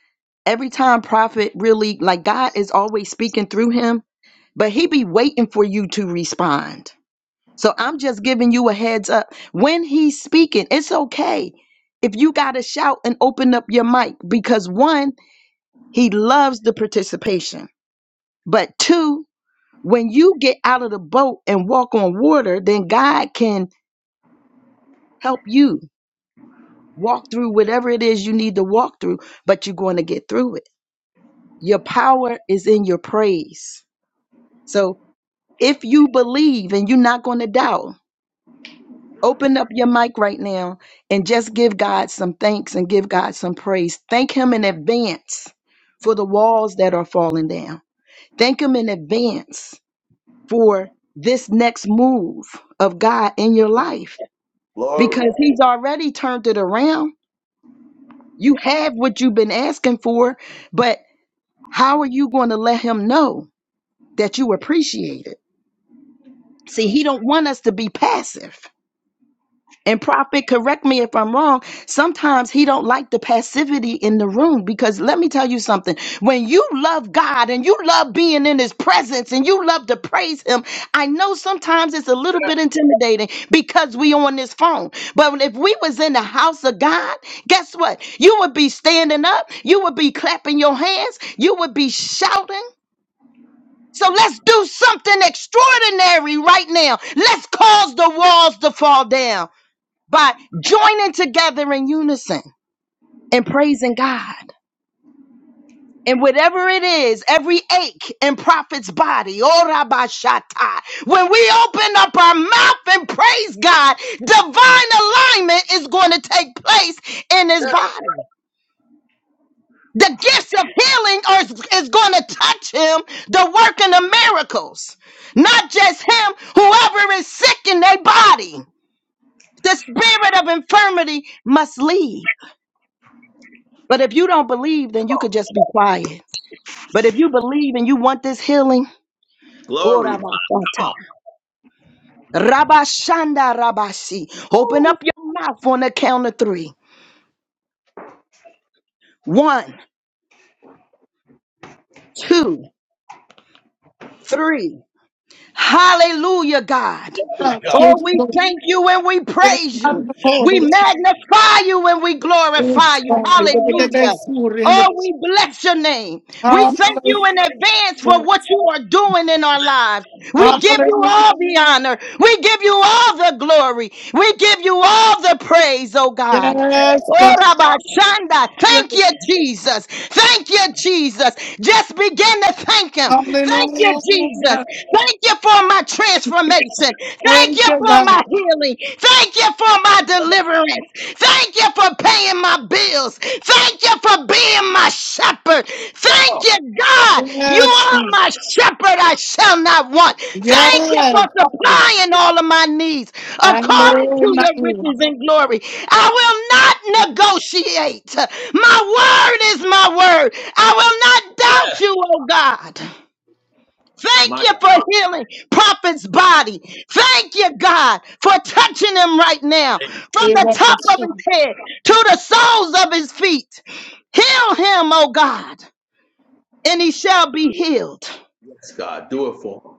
[SPEAKER 4] every time prophet really like God is always speaking through him, but he be waiting for you to respond. So I'm just giving you a heads up. When he's speaking, it's okay if you got to shout and open up your mic because one He loves the participation. But two, when you get out of the boat and walk on water, then God can help you walk through whatever it is you need to walk through, but you're going to get through it. Your power is in your praise. So if you believe and you're not going to doubt, open up your mic right now and just give God some thanks and give God some praise. Thank Him in advance for the walls that are falling down. Thank Him in advance for this next move of God in your life
[SPEAKER 2] Glory.
[SPEAKER 4] because He's already turned it around. You have what you've been asking for, but how are you going to let Him know that you appreciate it? See, He don't want us to be passive. and prophet correct me if i'm wrong sometimes he don't like the passivity in the room because let me tell you something when you love god and you love being in his presence and you love to praise him i know sometimes it's a little bit intimidating because we on this phone but if we was in the house of god guess what you would be standing up you would be clapping your hands you would be shouting so let's do something extraordinary right now. Let's cause the walls to fall down by joining together in unison and praising God. And whatever it is, every ache in prophet's body, ora bashata. when we open up our mouth and praise God, divine alignment is going to take place in his body. The gifts of healing are, is going to touch him, the working of miracles. Not just him, whoever is sick in their body. The spirit of infirmity must leave. But if you don't believe, then you could just be quiet. But if you believe and you want this healing, oh,
[SPEAKER 2] Glory. Come
[SPEAKER 4] Rabashata,
[SPEAKER 2] on.
[SPEAKER 4] Rabashanda Rabashi, open up your mouth on the count of three. One, two, three. Hallelujah, God.
[SPEAKER 2] Glory to God.
[SPEAKER 4] Oh,
[SPEAKER 1] Hallelujah.
[SPEAKER 4] we thank you and we praise you. We
[SPEAKER 1] Hallelujah.
[SPEAKER 4] magnify you and we glorify
[SPEAKER 1] Yes,
[SPEAKER 4] you.
[SPEAKER 1] God.
[SPEAKER 4] Hallelujah. Oh, we bless your name. We thank you in advance for what you are doing in our lives. We give you all the honor. We give you all the glory. We give you all the praise, oh God. Oh, Rabba Shanda. Thank you, Jesus. Thank you, Jesus. Just begin to thank Him. Thank you, Jesus.
[SPEAKER 1] Hallelujah.
[SPEAKER 4] Thank you for my
[SPEAKER 1] Thank you,
[SPEAKER 4] transformation. Thank
[SPEAKER 1] thank
[SPEAKER 4] you
[SPEAKER 1] you,
[SPEAKER 4] for my
[SPEAKER 1] God.
[SPEAKER 4] healing. Thank you for my deliverance. Thank you for paying my bills. Thank. Thank you for being my shepherd. Thank you, God. You
[SPEAKER 1] Yes,
[SPEAKER 4] are my shepherd. I shall not want. Thank you for
[SPEAKER 1] Yes.
[SPEAKER 4] supplying all of my needs
[SPEAKER 1] My
[SPEAKER 4] according
[SPEAKER 1] Lord,
[SPEAKER 4] to
[SPEAKER 1] my
[SPEAKER 4] your riches
[SPEAKER 1] Lord.
[SPEAKER 4] and glory. I will not negotiate. My word is my word. I will not doubt you, oh God. Thank
[SPEAKER 2] My
[SPEAKER 4] you
[SPEAKER 2] God.
[SPEAKER 4] for healing Prophet's body. Thank you, God, for touching him right now from the top of his head to the soles of his feet. Heal him, O God, and he shall be healed.
[SPEAKER 2] Yes, God. Do it for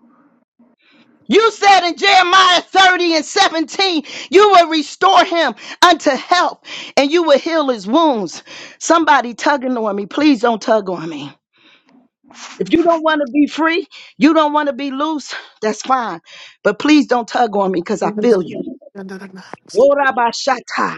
[SPEAKER 4] You said in Jeremiah 30 and 17, you will restore him unto health and you will heal his wounds. Somebody tugging on me. Please don't tug on me. If you don't want to be free, you don't want to be loose, that's fine. But please don't tug on me because I feel you. Worabashata.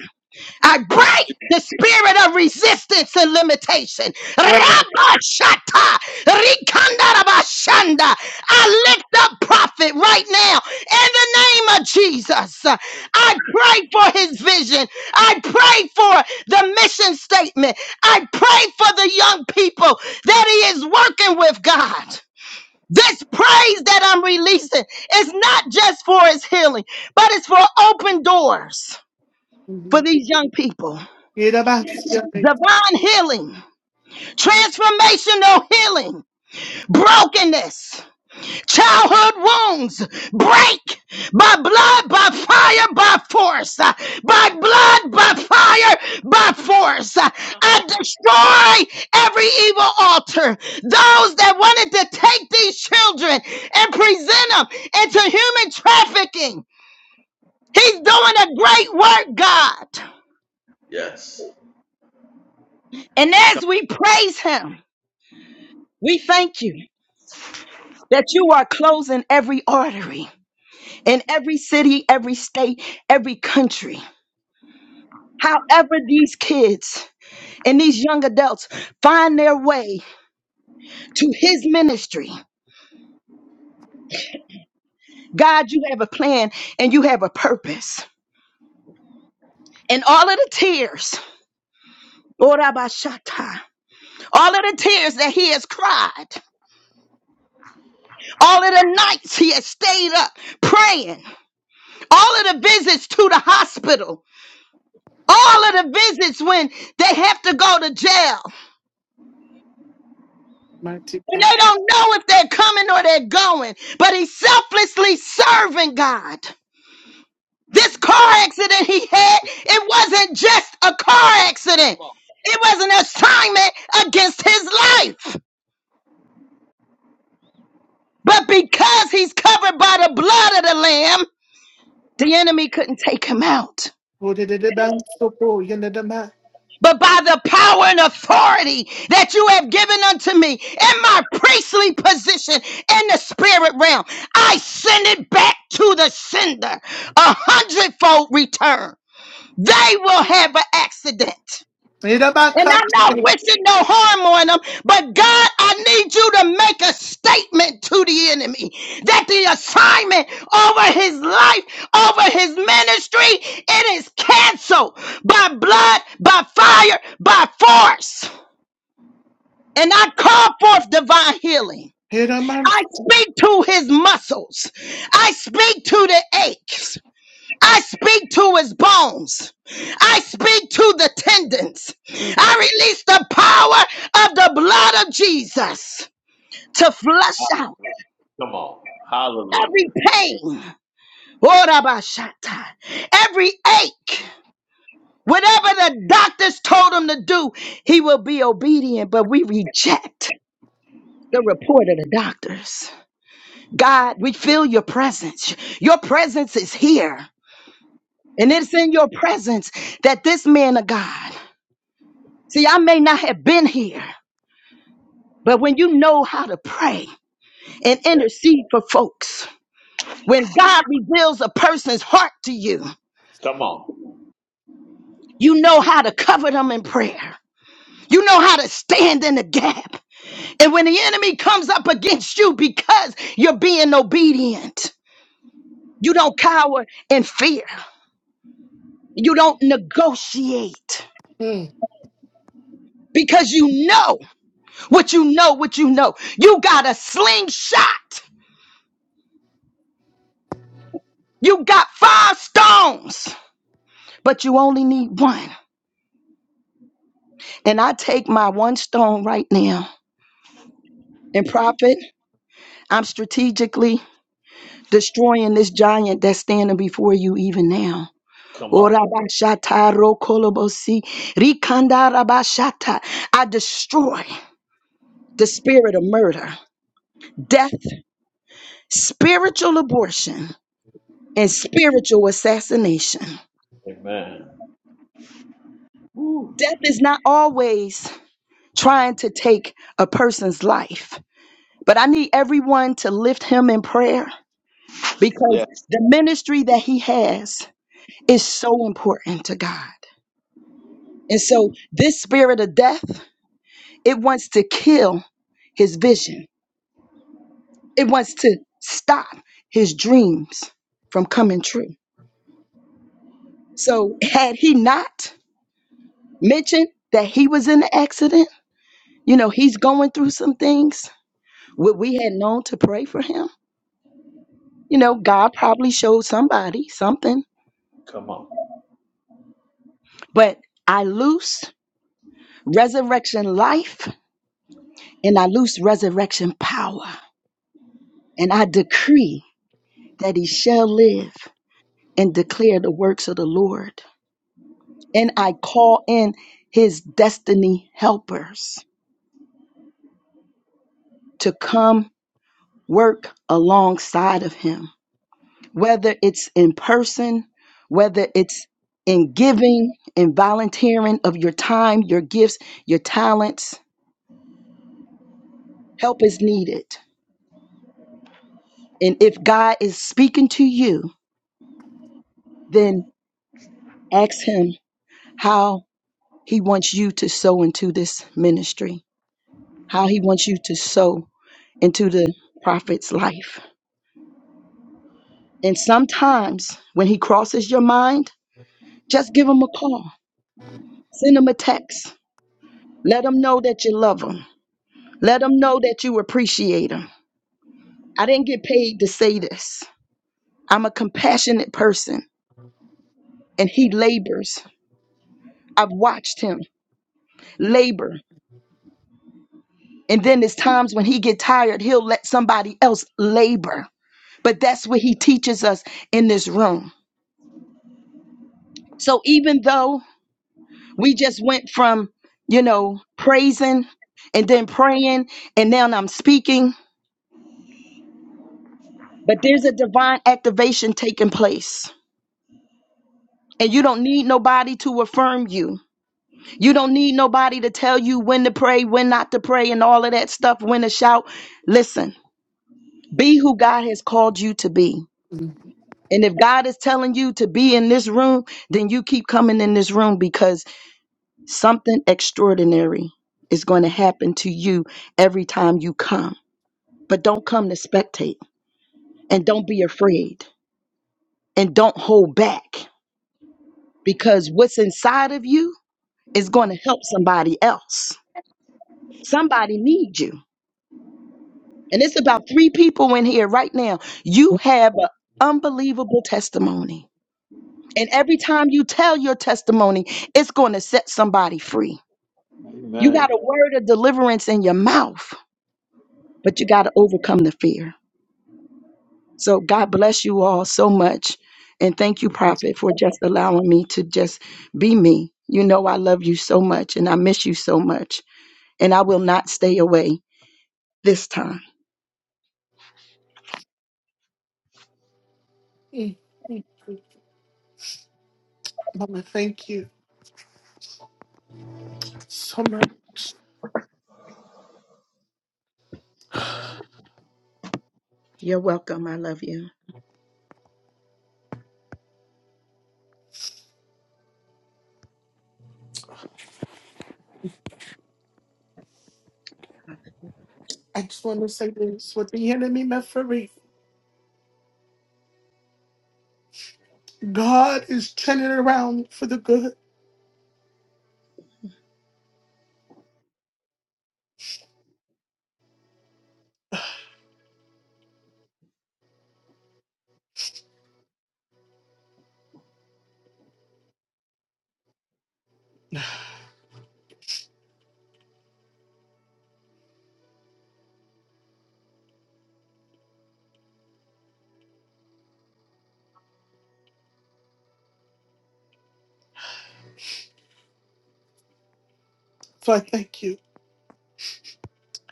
[SPEAKER 4] I
[SPEAKER 2] him.
[SPEAKER 4] break the spirit of resistance and limitation.
[SPEAKER 1] Yes.
[SPEAKER 4] Rabashata. Rikandarabashanda. I lift up prophet right now in the name of Jesus. I pray for his vision. I pray for the mission statement. I pray for the young people that he is working with God. This praise that I'm releasing is not just for his healing, but it's for open doors for
[SPEAKER 1] Mhm.
[SPEAKER 4] these young people.
[SPEAKER 1] Yedabasiyame,
[SPEAKER 4] Divine healing, transformational healing, brokenness. childhood wounds break by blood, by fire, by force, uh, by blood, by fire, by force. Uh, I
[SPEAKER 2] on.
[SPEAKER 4] destroy every evil altar. Those that wanted to take these children and present them into human trafficking, He's doing a great work, God.
[SPEAKER 2] Yes.
[SPEAKER 4] And
[SPEAKER 2] Come,
[SPEAKER 4] as we praise Him, we thank you. That you are closing every artery in every city, every state, every country However, these kids and these young adults find their way to his ministry, God, you have a plan and you have a purpose. And all of the tears, Orabashata, all of the tears that he has cried, all of the nights he has stayed up praying, all of the visits to the hospital, all of the visits when they have to go to jail.
[SPEAKER 1] Mighty
[SPEAKER 4] And
[SPEAKER 1] God.
[SPEAKER 4] they don't know if they're coming or they're going, but he's selflessly serving God. This car accident he had, it wasn't just a car accident. It was an assignment against his life. But because he's covered by the blood of the Lamb, the enemy couldn't take him out.
[SPEAKER 1] Odededebansoko, yenedema-
[SPEAKER 4] But by the power and authority that you have given unto me in my priestly position in the spirit realm, I send it back to the sender, a hundredfold return. They will have an accident And I'm not
[SPEAKER 1] Yedabakate,
[SPEAKER 4] wishing no harm on them, but God, I need you to make a statement to the enemy that the assignment over his life, over his ministry, it is canceled by blood, by fire, by force. And I call forth divine healing. I
[SPEAKER 1] yedamansi.
[SPEAKER 4] speak to his muscles. I speak to the aches. I speak to his bones. I speak to the tendons.
[SPEAKER 1] Mhm.
[SPEAKER 4] I release the power of the blood of Jesus to flush out
[SPEAKER 2] come on.
[SPEAKER 4] every
[SPEAKER 2] Hallelujah.
[SPEAKER 4] pain, Orabashata, every ache. Whatever the doctors told him to do, he will be obedient, but we reject the report of the doctors. God, we feel your presence. Your presence is here. And it's in your presence that this man of God. See, I may not have been here, but when you know how to pray and intercede for folks, when God reveals a person's heart to you,
[SPEAKER 2] Come on.
[SPEAKER 4] you know how to cover them in prayer. You know how to stand in the gap. And when the enemy comes up against you because you're being obedient, you don't cower in fear. You don't negotiate
[SPEAKER 1] Mhm.
[SPEAKER 4] because you know what you know, what you know. You got a slingshot. You got five stones but you only need one. And I take my one stone right now. And prophet, I'm strategically destroying this giant that's standing before you even now.
[SPEAKER 2] Come on.
[SPEAKER 4] Orabashata rokolobosi, rikandarabashata. I destroy the spirit of murder, death, spiritual abortion, and spiritual assassination.
[SPEAKER 2] Amen. Woo.
[SPEAKER 4] Death is not always trying to take a person's life, but I need everyone to lift him in prayer because
[SPEAKER 2] Yes.
[SPEAKER 4] the ministry that he has is so important to God. And so this spirit of death, it wants to kill his vision. It wants to stop his dreams from coming true. So had he not mentioned that he was in an accident, you know, he's going through some things, would we had known to pray for him? You know, God probably showed somebody something,
[SPEAKER 2] Come on.
[SPEAKER 4] but I loose resurrection life and I loose resurrection power, and I decree that he shall live and declare the works of the Lord. And I call in his destiny helpers to come work alongside of him, whether it's in person, whether it's in giving and volunteering of your time, your gifts, your talents. Help is needed. And if God is speaking to you, then ask him how He wants you to sow into this ministry, how He wants you to sow into the prophet's life. And sometimes when He crosses your mind, just give Him a call, send Him a text, let Him know that you love Him, let Him know that you appreciate Him. I didn't get paid to say this. I'm a compassionate person and He labors. I've watched Him labor. And then there's times when he get tired, he'll let somebody else labor But that's what he teaches us in this room. So even though we just went from, you know, praising and then praying and now I'm speaking, but there's a divine activation taking place. And you don't need nobody to affirm you. You don't need nobody to tell you when to pray, when not to pray, and all of that stuff, when to shout. Listen, be who God has called you to be. And if God is telling you to be in this room, then you keep coming in this room because Something extraordinary is going to happen to you every time you come. But don't come to spectate and don't be afraid and don't hold back because what's inside of you is going to help somebody else. Somebody needs you. And it's about three people in here right now. You
[SPEAKER 1] Mhm.
[SPEAKER 4] have an unbelievable testimony. And every time you tell your testimony, it's going to set somebody free. You
[SPEAKER 2] Amen.
[SPEAKER 4] got a word of deliverance in your mouth, but you got to overcome the fear. So God bless you all so much. And thank you, Prophet, for just allowing me to just be me. You know, I love you so much and I miss you so much. And I will not stay away this time.
[SPEAKER 1] Mhm. Mama, thank you so much.
[SPEAKER 4] You're welcome. I love you. Hallelujah.
[SPEAKER 1] I just want to say this what the enemy meant for evil, God is turning it around for the good. So I thank you.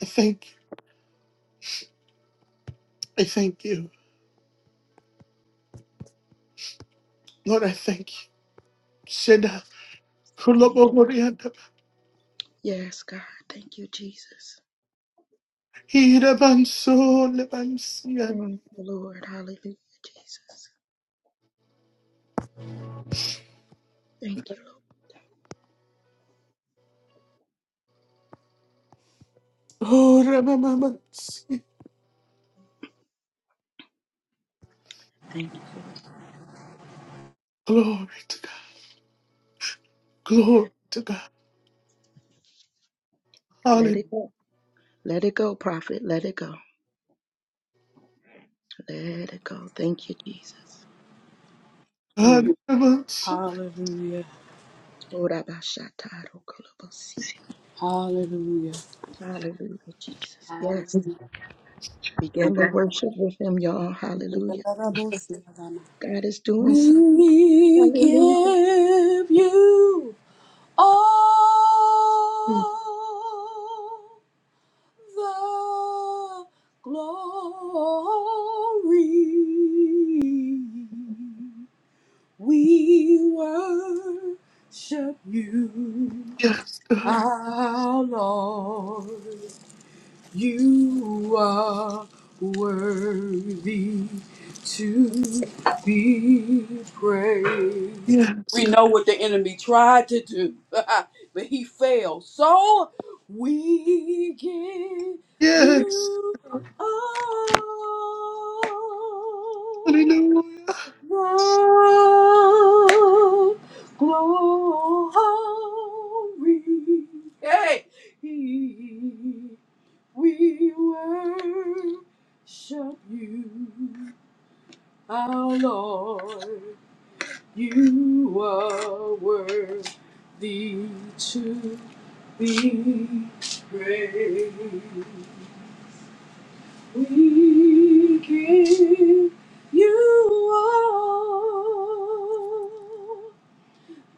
[SPEAKER 1] I thank you. I thank you. Lord, I thank you. Sheda.
[SPEAKER 4] Thank
[SPEAKER 1] Kulobo Horianda.
[SPEAKER 4] you. Yes, God. Thank you, Jesus.
[SPEAKER 1] Hirabanso
[SPEAKER 4] Thank you, Lord. Hallelujah, Jesus. Thank you, Lord.
[SPEAKER 1] Oh, Ramamansi.
[SPEAKER 4] Thank you, Lord.
[SPEAKER 1] Glory to God.
[SPEAKER 4] Yeah.
[SPEAKER 1] Glory to God.
[SPEAKER 4] Let
[SPEAKER 1] Hallelujah.
[SPEAKER 4] it go. Let it go, prophet. Let it go. Let it go. Thank you, Jesus. Mm.
[SPEAKER 1] Ramamansi.
[SPEAKER 5] Hallelujah. Hallelujah.
[SPEAKER 4] Hallelujah, Jesus. Yes.
[SPEAKER 5] Hallelujah.
[SPEAKER 4] Begin to worship with him, y'all. Hallelujah. God is doing something.
[SPEAKER 5] We
[SPEAKER 4] Hallelujah.
[SPEAKER 5] give you all the glory. We worship you,
[SPEAKER 1] Yes, God.
[SPEAKER 5] our Lord. You are worthy to be praised.
[SPEAKER 1] Yes,
[SPEAKER 5] We
[SPEAKER 1] God.
[SPEAKER 5] know what the enemy tried to do, but he failed. So we give
[SPEAKER 1] Yes.
[SPEAKER 5] you all.
[SPEAKER 1] Hallelujah.
[SPEAKER 5] The glory. Hey, we worship you, our Lord. You are worthy to be praised. We give you all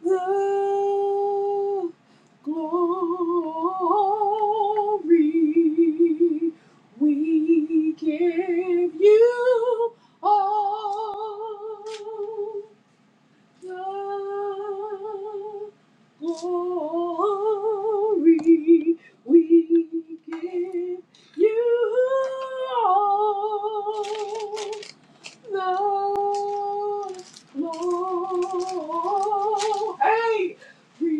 [SPEAKER 5] the glory. We give you all glory we give you all the glory. Hey, we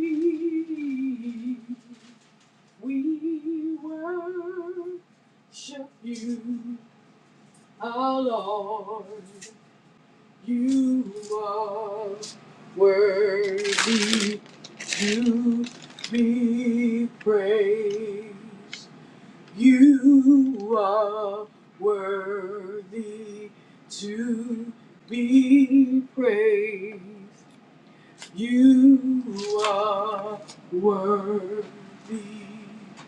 [SPEAKER 5] we worship you, our Lord. You are worthy to be praised. You are worthy to be praised. You are worthy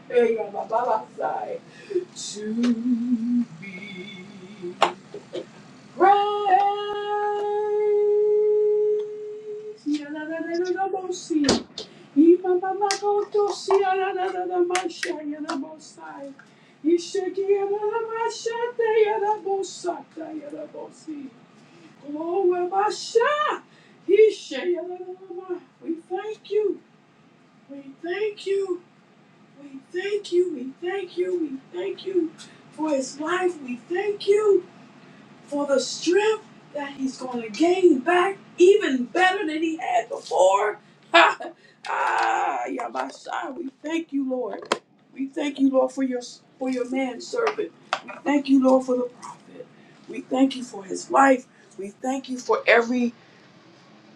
[SPEAKER 5] Hey, Baba, Baba, sigh. to be Praise. Yadadadadadabosi. Ibabababotosi. Yadadadamasha. Yadabosai. Ishiki. ya Yadabosata. Yadabosi. Oh, Wabasha. Ishe. Yadadadama. We thank you. We thank you. We thank you. We thank you. We thank you for his life. We thank you for the strength that he's going to gain back even better than he had before. ah, yeah, my son, we thank you, Lord. We thank you, Lord, for your for your man servant. We thank you, Lord, for the prophet. We thank you for his life. We thank you for every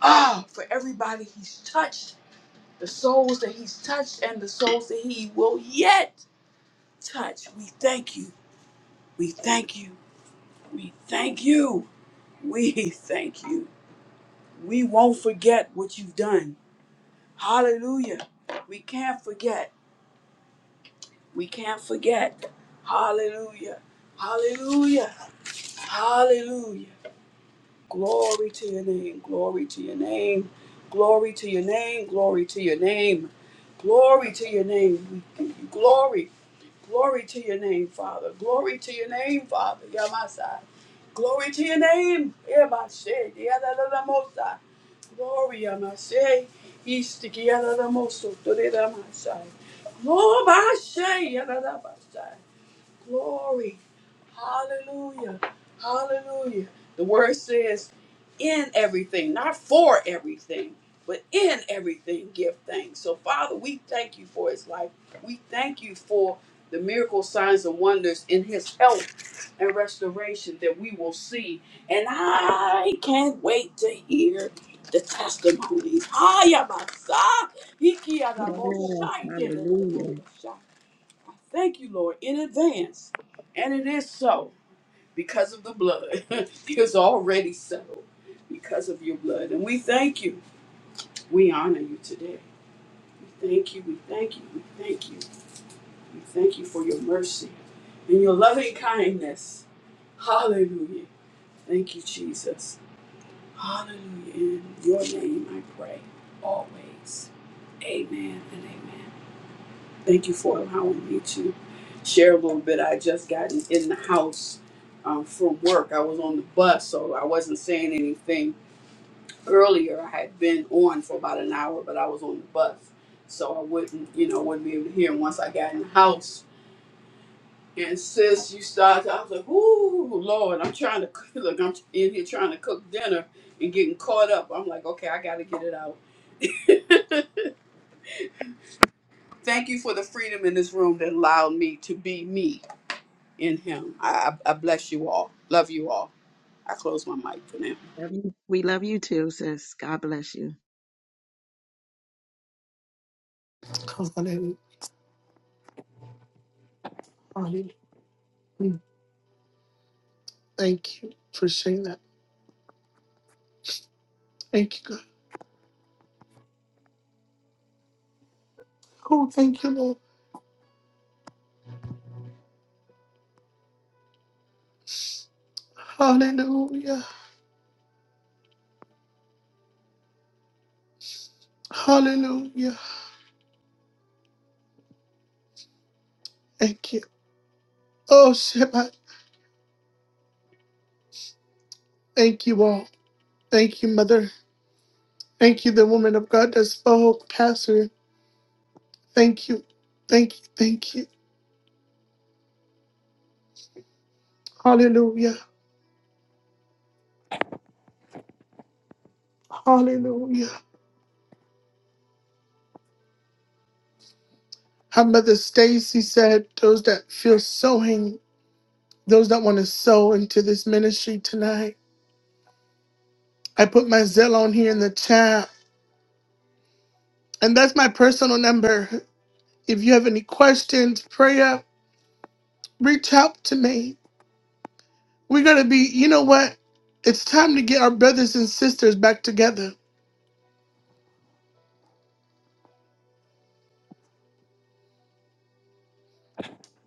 [SPEAKER 5] ah for everybody he's touched, the souls that he's touched, and the souls that he will yet touch. We thank you. We thank you. We thank you. We thank you. We won't forget what you've done. Hallelujah. We can't forget. We can't forget. Hallelujah. Hallelujah. Hallelujah. Glory to your name. Glory to your name. Glory to your name. Glory to your name. Glory to your name. We give you glory. Glory to your name, Father. Glory to your name, Father. Yamasai. Glory to your name. Yamasai. Yadadadamosa. Glory, I must say. East to get out of the most of the say. Glory, I say, I say. Glory. Hallelujah. Hallelujah. The word says, in everything, not for everything, but in everything, give thanks. So, Father, we thank you for his life. We thank you for the miracle signs and wonders in his health and restoration that we will see. And I can't wait to hear the testimonies. Hiya, Masa. Hiki ada
[SPEAKER 4] Yes.
[SPEAKER 5] moshai te de de de
[SPEAKER 4] Hallelujah.
[SPEAKER 5] I Thank you, Lord, in advance. And it is so because of the blood. it's already settled because of your blood. And we thank you. We honor you today. We thank you. We thank you. We thank you. We thank you for your mercy and your loving kindness. Hallelujah. Thank you, Jesus. Hallelujah. In your name I pray always. Amen and amen. Thank you for allowing me to share a little bit. I just gotten in the house um, from work. I was on the bus, so I wasn't saying anything earlier. I had been on for about an hour, but I was on the bus. So I wouldn't, you know, wouldn't be able to hear. And once I got in the house, And since you started, I was like, "Ooh, Lord, I'm trying to cook. Look, I'm in here trying to cook dinner and getting caught up." I'm like, "Okay, I got to get it out." Thank you for the freedom in this room that allowed me to be me in Him. I, I I bless you all. Love you all. I close my mic for now.
[SPEAKER 4] We love you, we love you too, sis. God bless you.
[SPEAKER 1] Hallelujah. Hallelujah. Mm, Thank you for saying that. Thank you, God. Oh, thank you, Lord. Hallelujah. Hallelujah. Thank you. Oh, Shabbat. Thank you all. Thank you, Mother. Thank you, the woman of God that spoke, Pastor. Thank you. Thank you. Thank you. Hallelujah. Hallelujah. How Mother Stacy said, those that feel sowing, those that want to sow into this ministry tonight. I put my Zell on here in the chat. And that's my personal number. If you have any questions, prayer, reach out to me. We're going to be, you know what? It's time to get our brothers and sisters back together.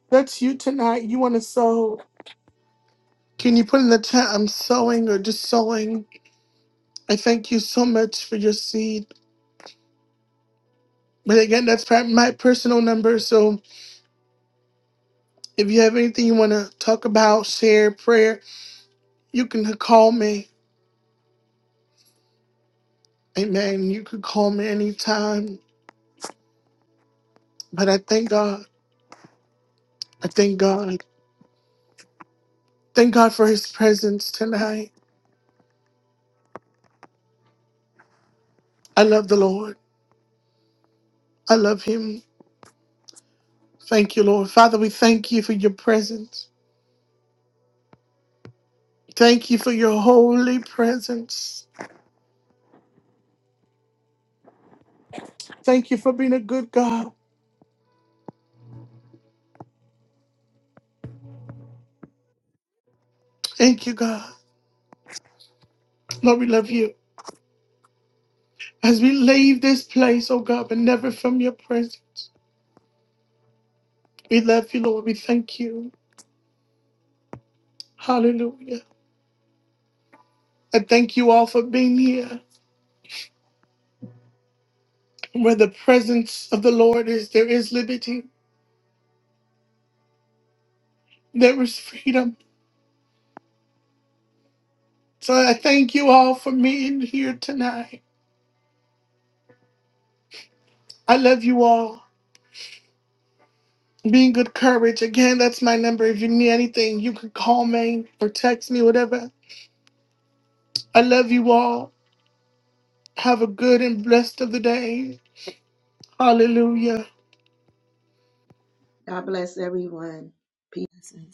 [SPEAKER 1] That's you tonight. You want to sow. Can you put in the chat, I'm sowing or just sowing? I thank you so much for your seed. But again, that's per- my personal number. So if you have anything you want to talk about, share, prayer, you can call me. Amen. You could call me anytime. But I thank God. I thank God. Thank God for his presence tonight. I love the Lord. I love him. Thank you, Lord. Father, we thank you for your presence. Thank you for your holy presence. Thank you for being a good God. Thank you, God. Lord, we love you. As we leave this place, oh God, but never from your presence. We love you, Lord. We thank you. Hallelujah. I thank you all for being here. Where the presence of the Lord is, there is liberty, there is freedom. So I thank you all for being here tonight. I love you all. Be in good courage. Again, that's my number. If you need anything, you can call me or text me, whatever. I love you all. Have a good and blessed of the day. Hallelujah.
[SPEAKER 4] God bless everyone. Peace.